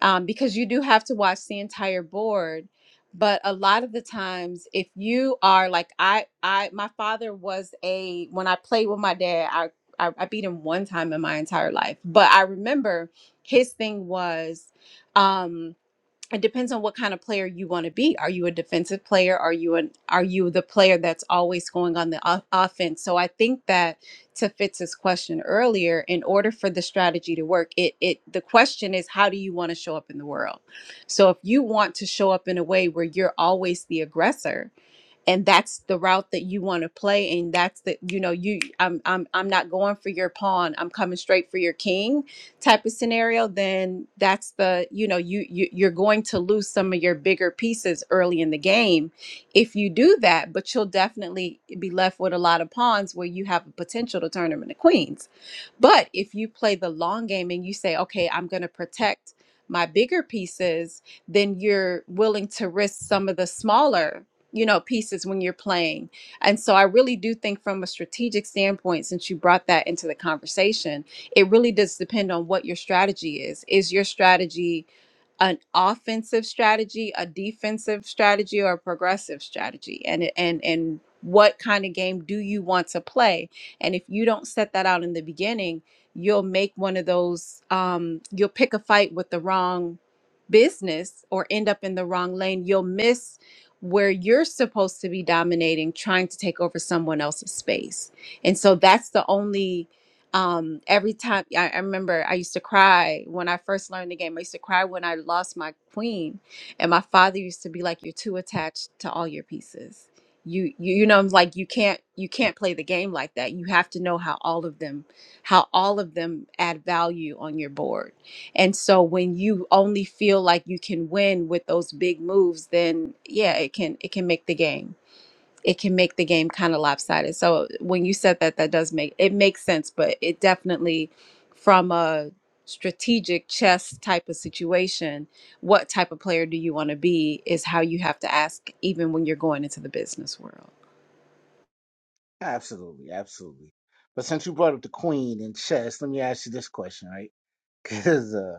E: um, because you do have to watch the entire board but a lot of the times if you are like i i my father was a when i played with my dad i i, I beat him one time in my entire life but i remember his thing was um it depends on what kind of player you want to be. Are you a defensive player? Are you an are you the player that's always going on the off- offense? So I think that to Fitz's question earlier, in order for the strategy to work, it it the question is how do you want to show up in the world? So if you want to show up in a way where you're always the aggressor, and that's the route that you want to play and that's the you know you I'm I'm I'm not going for your pawn I'm coming straight for your king type of scenario then that's the you know you, you you're going to lose some of your bigger pieces early in the game if you do that but you'll definitely be left with a lot of pawns where you have a potential to turn them into queens but if you play the long game and you say okay I'm going to protect my bigger pieces then you're willing to risk some of the smaller you know pieces when you're playing and so i really do think from a strategic standpoint since you brought that into the conversation it really does depend on what your strategy is is your strategy an offensive strategy, a defensive strategy, or a progressive strategy, and it- and and what kind of game do you want to play? And if you don't set that out in the beginning, you'll make one of those. Um, you'll pick a fight with the wrong business or end up in the wrong lane. You'll miss where you're supposed to be dominating, trying to take over someone else's space. And so that's the only um every time I, I remember i used to cry when i first learned the game i used to cry when i lost my queen and my father used to be like you're too attached to all your pieces you you, you know I'm like you can't you can't play the game like that you have to know how all of them how all of them add value on your board and so when you only feel like you can win with those big moves then yeah it can it can make the game it can make the game kind of lopsided. So when you said that, that does make it makes sense, but it definitely from a strategic chess type of situation, what type of player do you want to be is how you have to ask even when you're going into the business world.
A: Absolutely, absolutely. But since you brought up the queen and chess, let me ask you this question, right? (laughs) Because uh,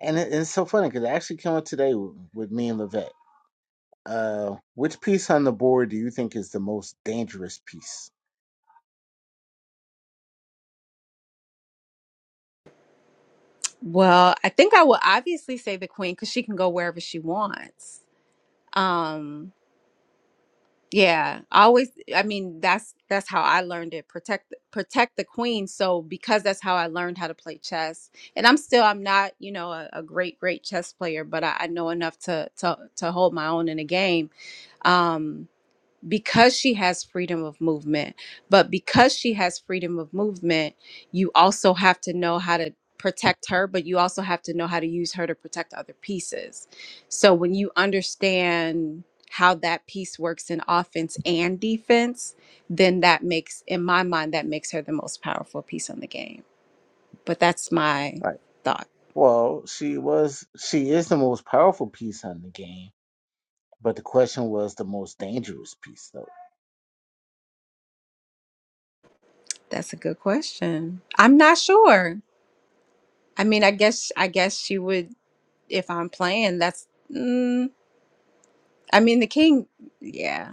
A: and it, it's so funny because it actually came up today with, with me and Levette. Uh, which piece on the board do you think is the most dangerous piece?
E: Well, I think I will obviously say the queen because she can go wherever she wants. Um Yeah, I always I mean that's that's how I learned it. Protect protect the queen. So because that's how I learned how to play chess. And I'm still I'm not, you know, a, a great great chess player, but I, I know enough to to to hold my own in a game. Um because she has freedom of movement. But because she has freedom of movement, you also have to know how to protect her, but you also have to know how to use her to protect other pieces. So when you understand how that piece works in offense and defense, then that makes, in my mind, that makes her the most powerful piece on the game. But that's my
A: Right.
E: thought.
A: Well, she was she is the most powerful piece on the game, but the question was the most dangerous piece though.
E: That's a good question. I'm not sure. I mean, I guess I guess she would if I'm playing. That's mm, I mean, the king, yeah,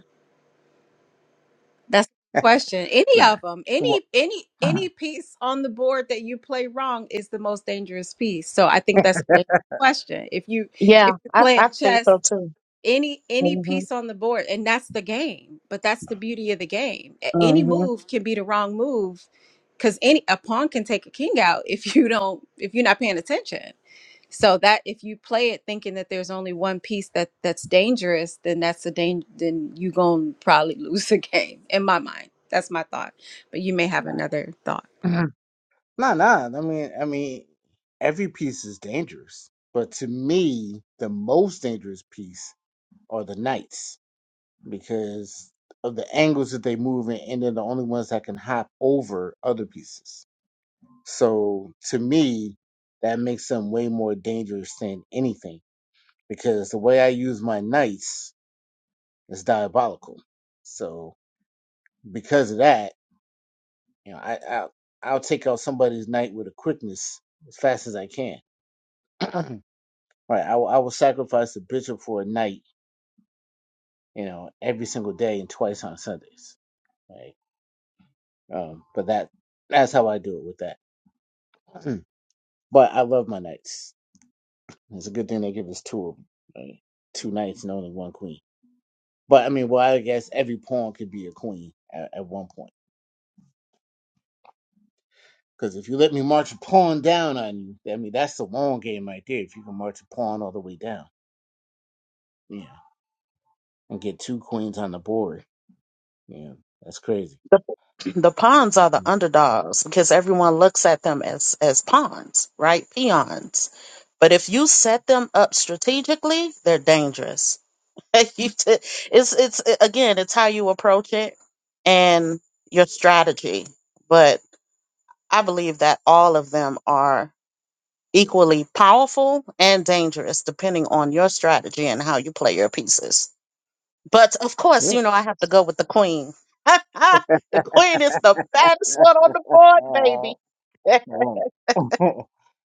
E: that's the question. Any
A: Nah.
E: of them, any any any piece on the board that you play wrong is the most dangerous piece. So I think that's the question. If you
C: Yeah,
E: if you're
C: I, I
E: playing
C: think
E: chess,
C: so
E: any any
C: too.
E: piece on the board, and that's the game. But that's the beauty of the game. A- Any
C: hmm
E: move can be the wrong move because any a pawn can take a king out if you don't if you're not paying attention so that if you play it thinking that there's only one piece that that's dangerous then that's a danger then you gonna probably (laughs) lose the game in my mind that's my thought but you may have
A: No,
E: another thought
A: (clears throat) no, no. I mean, I mean, every piece is dangerous, but to me, the most dangerous piece are the knights because of the angles that they move in, and they're the only ones that can hop over other pieces. So to me, that makes them way more dangerous than anything because the way I use my knights is diabolical. So because of that, you know, I, I I'll take out somebody's knight with a quickness as fast as I can (clears throat) right, I will, I will sacrifice the bishop for a night, you know, every single day and twice on Sundays. Right. Um, but that that's how I do it with that. (clears throat) but I love my nights. It's a good thing they give us two of 'em, right? Two nights and only one queen. But I mean, well, I guess every pawn could be a queen at, at one point. Because if you let me march a pawn down on you, I mean, that's the long game right there. If you can march a pawn all the way down, yeah, and get two queens on the board, yeah, that's crazy.
C: the the pawns are the underdogs because everyone looks at them as as pawns, right? Peons. But if you set them up strategically, they're dangerous. (laughs) You t- it's it's again, it's how you approach it and your strategy. But I believe that all of them are equally powerful and dangerous depending on your strategy and how you play your pieces. But of course, you know, I have to go with the queen. (laughs) the queen is the baddest one on the board,
A: Yeah.
C: baby. (laughs)
A: Oh. (laughs)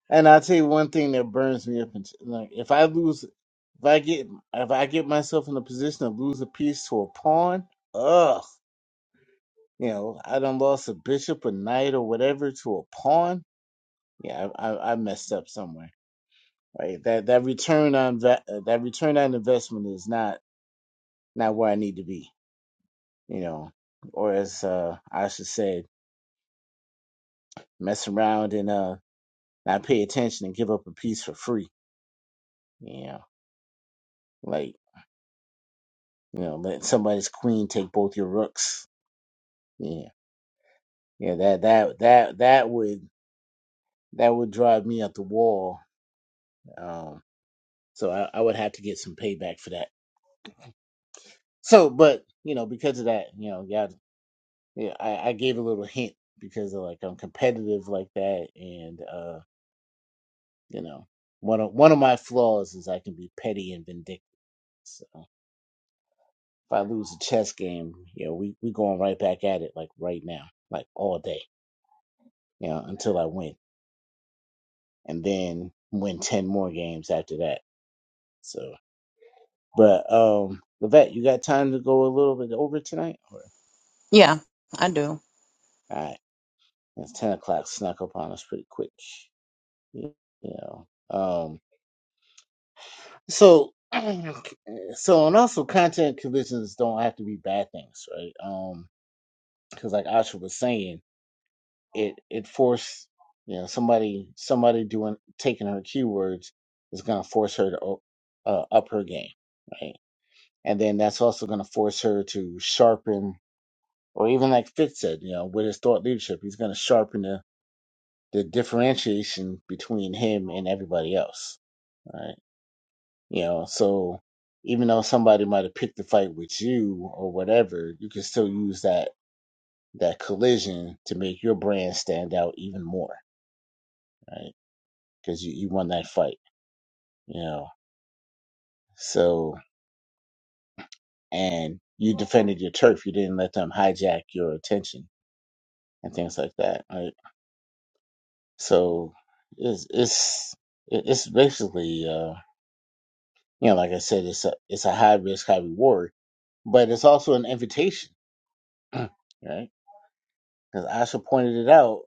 A: and I'll tell you one thing that burns me up. And like, if I lose, if I get, if I get myself in a position of lose a piece to a pawn, ugh, you know, I done lost a bishop, a knight, or whatever to a pawn. Yeah, I, I, I messed up somewhere. Right, that that return on va- uh, that return on investment is not not where I need to be. You know, or as uh, I should say, mess around and uh, not pay attention and give up a piece for free. You know, like. You know, let somebody's queen take both your rooks. Yeah, yeah. That that that that would that would drive me up the wall. Um, so I, I would have to get some payback for that. So, but you know, because of that, you know, yeah, yeah. I, I gave a little hint because of like I'm competitive like that, and uh, you know, one of one of my flaws is I can be petty and vindictive. So if I lose a chess game, you know, we we going right back at it like right now, like all day, you know, until I win. and then win 10 more games after that. So, but, um, Levette, you got time to go a little bit over tonight? Or,
C: yeah, I do.
A: all right, it's 10 o'clock snuck up on us pretty quick, you know. Um, so, (clears throat) so, and also content collisions don't have to be bad things, right? Um, cause like Asha was saying, it, it forced, you know, somebody, somebody doing, taking her keywords is going to force her to o- uh, up her game, right? and then that's also going to force her to sharpen or even like fitz said you know with his thought leadership he's going to sharpen the, the differentiation between him and everybody else right you know so even though somebody might have picked the fight with you or whatever you can still use that that collision to make your brand stand out even more right because you, you won that fight you know so and you defended your turf you didn't let them hijack your attention and things like that right So it's it's it- it's basically uh you know like I said it's a it's a high risk high reward, but it's also an invitation, right? Because Asha pointed it out.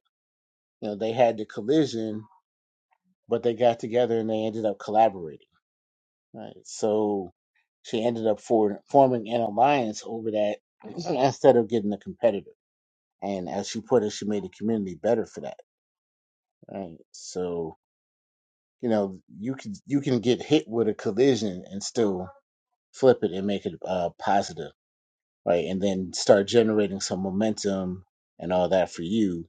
A: You know they had the collision, but they got together and they ended up collaborating, right? So she ended up for, forming an alliance over that (clears throat) instead of getting a competitor. And as she put it, she made the community better for that, right? So you know you can you can get hit with a collision and still flip it and make it uh, positive, right? And then start generating some momentum and all that for you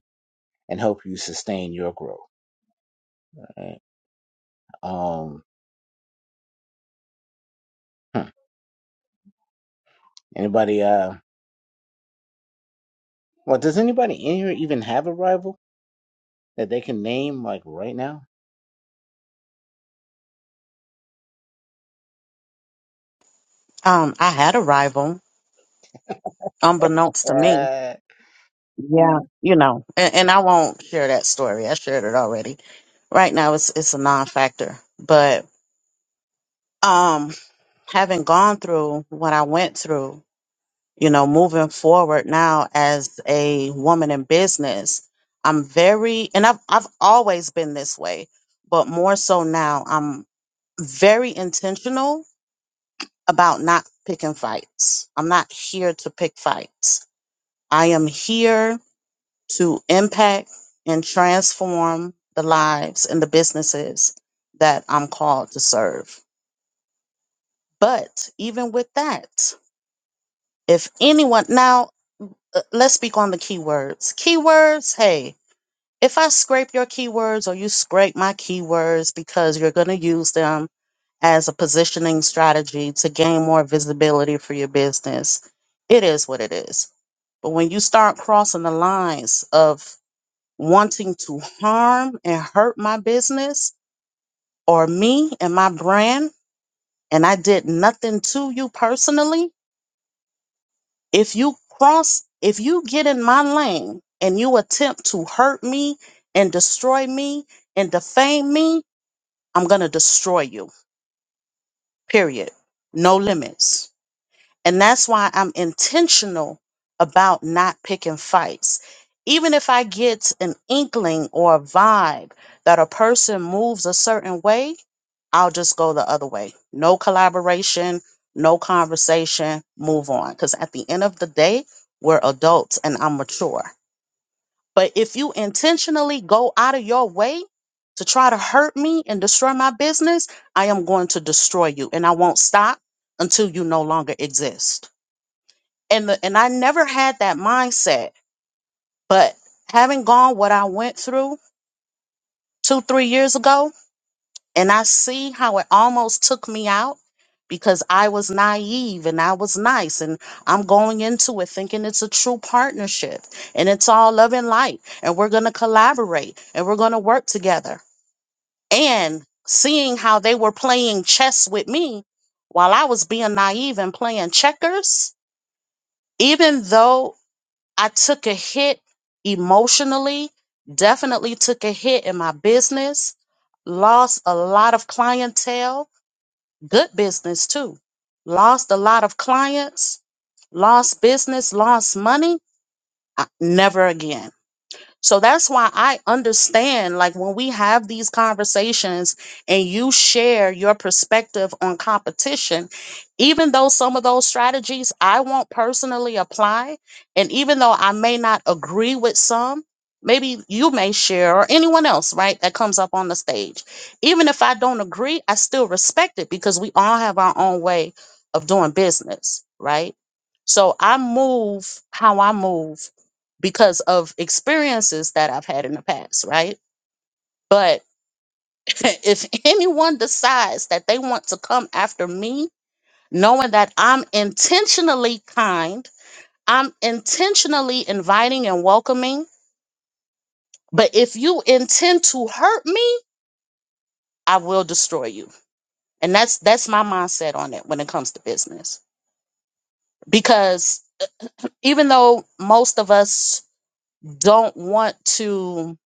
A: and help you sustain your growth. Right? Um, hmm. anybody? Uh, well, does anybody in here even have a rival that they can name like right now?
C: Um, I had a rival, unbeknownst to me.
A: Uh,
C: Yeah, you know, and, and I won't share that story. I shared it already. Right now, it's it's a non-factor. But um, having gone through what I went through, you know, moving forward now as a woman in business, I'm very and I've I've always been this way, but more so now, I'm very intentional about not picking fights. I'm not here to pick fights. I am here to impact and transform the lives and the businesses that I'm called to serve. But even with that, if anyone now uh, let's speak on the keywords. Keywords, hey, if I scrape your keywords or you scrape my keywords because you're going to use them as a positioning strategy to gain more visibility for your business, it is what it is. But when you start crossing the lines of wanting to harm and hurt my business or me and my brand, and I did nothing to you personally, if you cross if you get in my lane and you attempt to hurt me and destroy me and defame me i'm going to destroy you period no limits and that's why I'm intentional about not picking fights. Even if I get an inkling or a vibe that a person moves a certain way, I'll just go the other way. No collaboration, no conversation, move on. Because at the end of the day, we're adults and I'm mature. But if you intentionally go out of your way to try to hurt me and destroy my business, I am going to destroy you and I won't stop until you no longer exist and the, and I never had that mindset. But having gone what I went through two three years ago, and I see how it almost took me out because I was naive and I was nice, and I'm going into it thinking it's a true partnership and it's all love and light, and we're gonna collaborate and we're gonna work together. And seeing how they were playing chess with me while I was being naive and playing checkers, even though I took a hit emotionally, definitely took a hit in my business, lost a lot of clientele, good business too. Lost a lot of clients, lost business, lost money. I- never again. So that's why I understand, like, when we have these conversations and you share your perspective on competition, even though some of those strategies I won't personally apply, and even though I may not agree with some, maybe you may share or anyone else, right, that comes up on the stage. Even if I don't agree, I still respect it because we all have our own way of doing business, right? So I move how I move because of experiences that I've had in the past, right? But (laughs) if anyone decides that they want to come after me, knowing that I'm intentionally kind, I'm intentionally inviting and welcoming, but if you intend to hurt me, I will destroy you. And that's that's my mindset on it when it comes to business. Because even though most of us don't want to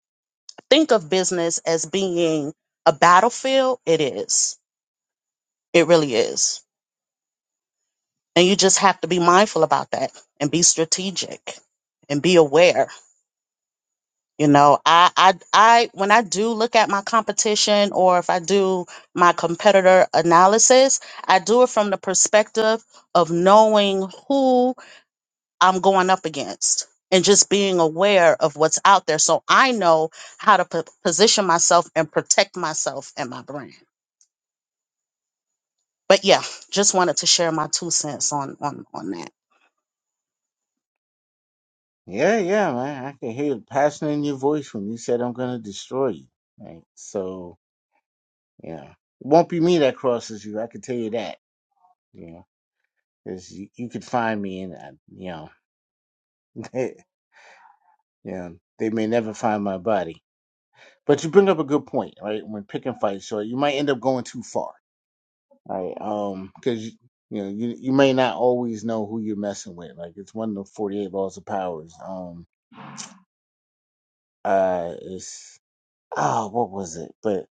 C: think of business as being a battlefield, it is It really is. And you just have to be mindful about that and be strategic and be aware. You know, I, I, I, when I do look at my competition or if I do my competitor analysis, I do it from the perspective of knowing who I'm going up against and just being aware of what's out there. So I know how to p- position myself and protect myself and my brand. But yeah, just wanted to share my two cents on, on, on that.
A: yeah, yeah, man. I can hear the passion in your voice when you said I'm gonna destroy you. Right? So, yeah, it won't be me that crosses you. I can tell you that. You know, because you, you could find me, and I, you know. (laughs) Yeah, they may never find my body. But you bring up a good point, right? When picking fights, so you might end up going too far, right? Um, because you, you know you you may not always know who you're messing with. Like it's one of the forty eight laws of powers. Um, uh, it's oh, what was it? But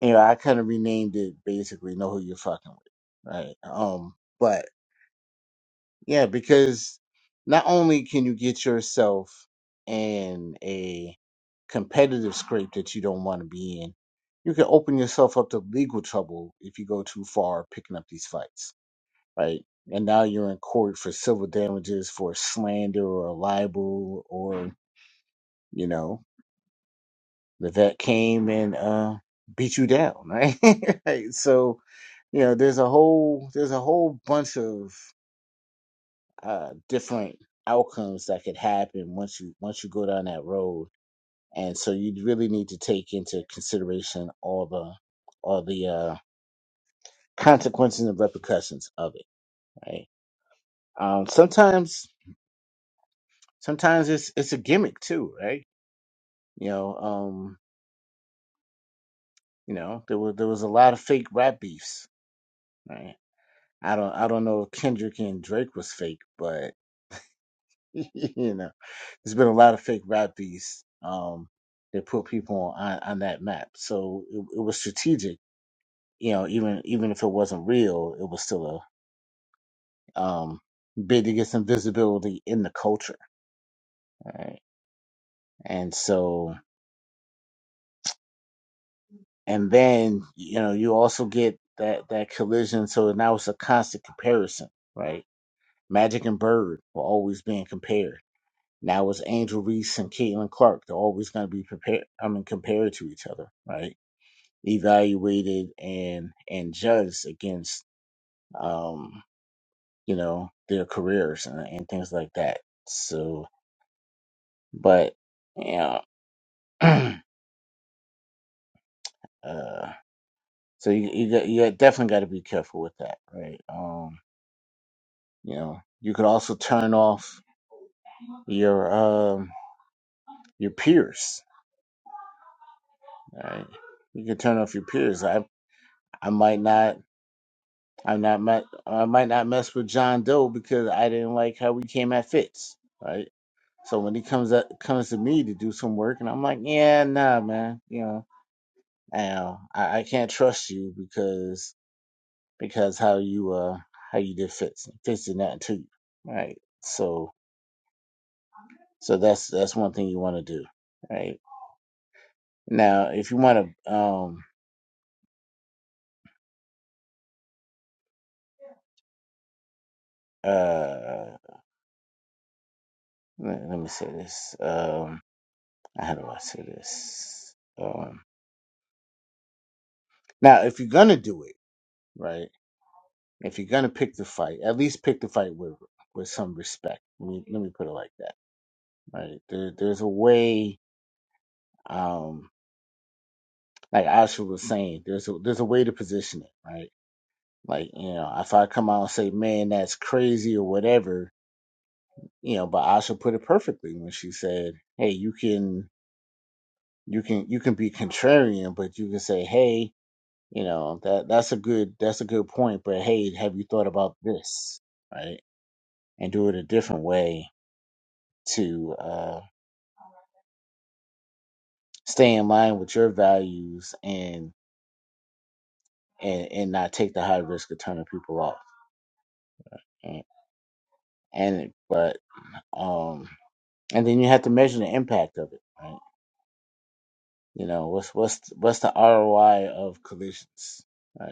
A: you know, I kind of renamed it basically. Know who you're fucking with, right? Um, but yeah, because not only can you get yourself in a competitive scrape that you don't want to be in. You can open yourself up to legal trouble if you go too far picking up these fights, right? And now you're in court for civil damages for slander or libel or, you know, the vet came and uh beat you down, right? (laughs) right? So, you know, there's a whole there's a whole bunch of uh different outcomes that could happen once you once you go down that road and so you really need to take into consideration all the all the uh, consequences and repercussions of it right um sometimes sometimes it's it's a gimmick too right you know um you know there was there was a lot of fake rap beefs right i don't i don't know if kendrick and drake was fake but (laughs) you know there's been a lot of fake rap beefs um that put people on on that map so it, it was strategic you know even even if it wasn't real it was still a um, bid to get some visibility in the culture, right? And so, and then you know you also get that that collision. So now it's a constant comparison, right? Magic and Bird were always being compared. Now it's Angel Reese and Caitlin Clark. They're always going to be prepared. I mean, compared to each other, right? Evaluated and and judged against, um, you know, their careers and, and things like that. So, but yeah. (clears throat) uh, So you you, got, you got- definitely got to be careful with that, right? Um, you know, you could also turn off your um your peers, right? You could turn off your peers. I I might not I'm not met, I might not mess with John Doe because I didn't like how we came at Fitz, right? So when he comes up comes to me to do some work, and I'm like, yeah, nah, man, you know, I I, I can't trust you because because how you uh how you did Fitz, Fitz did nothing to you, right? So So that's that's one thing you want to do, right? Now, if you want to, um, uh, let, let me say this. Um, how do I say this? Um, now, if you're gonna do it, right? If you're gonna pick the fight, at least pick the fight with with some respect. Let me let me put it like that, right? There, there's a way, um, like Asha was saying, there's a there's a way to position it, right? Like you know, if I come out and say, "Man, that's crazy" or whatever, you know but asha put it perfectly when she said hey you can you can you can be contrarian but you can say hey you know that that's a good that's a good point but hey have you thought about this right and do it a different way to uh stay in line with your values and and and not take the high risk of turning people off and, and but um and then you have to measure the impact of it right you know what's what's what's the roi of collisions right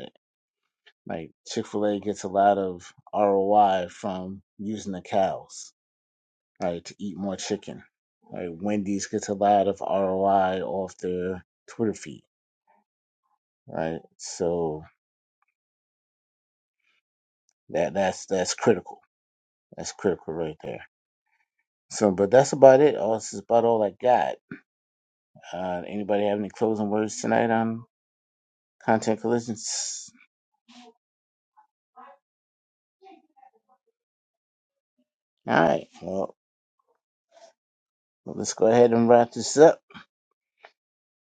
A: Like Chick Fil A gets a lot of ROI from using the cows, right, to eat more chicken. Right, Wendy's gets a lot of ROI off their Twitter feed, right? So that that's that's critical. That's critical right there. So, but that's about it. Oh, this is about all I got. Uh, anybody have any closing words tonight on content collisions? All right. Well, let's go ahead and wrap this up.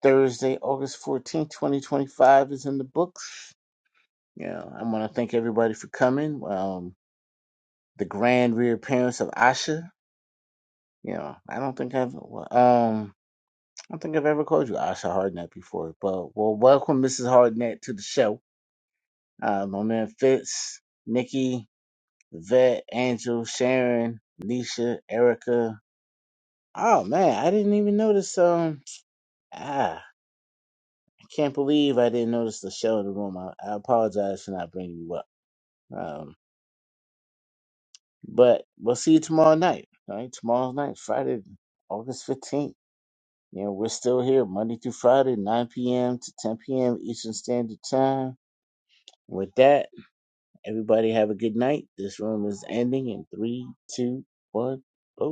A: Thursday, August 14th, 2025 is in the books. Yeah, I want to thank everybody for coming. Um, the grand reappearance of Asha. You know, I don't think I've well, um, I don't think I've ever called you Asha Hardnett before. But well, welcome Mrs. Hardnett to the show. Uh, my man Fitz, Nikki, Vet, Angel, Sharon, Nisha, Erica. Oh man, I didn't even notice. Um, ah, I can't believe I didn't notice the show in the room. I, I apologize for not bringing you up. Um, But we'll see you tomorrow night. All right, tomorrow night, Friday, August 15th. You know, we're still here Monday through Friday, 9 p.m. to 10 p.m. Eastern Standard Time. With that, everybody have a good night. This room is ending in three, two, one. Oh.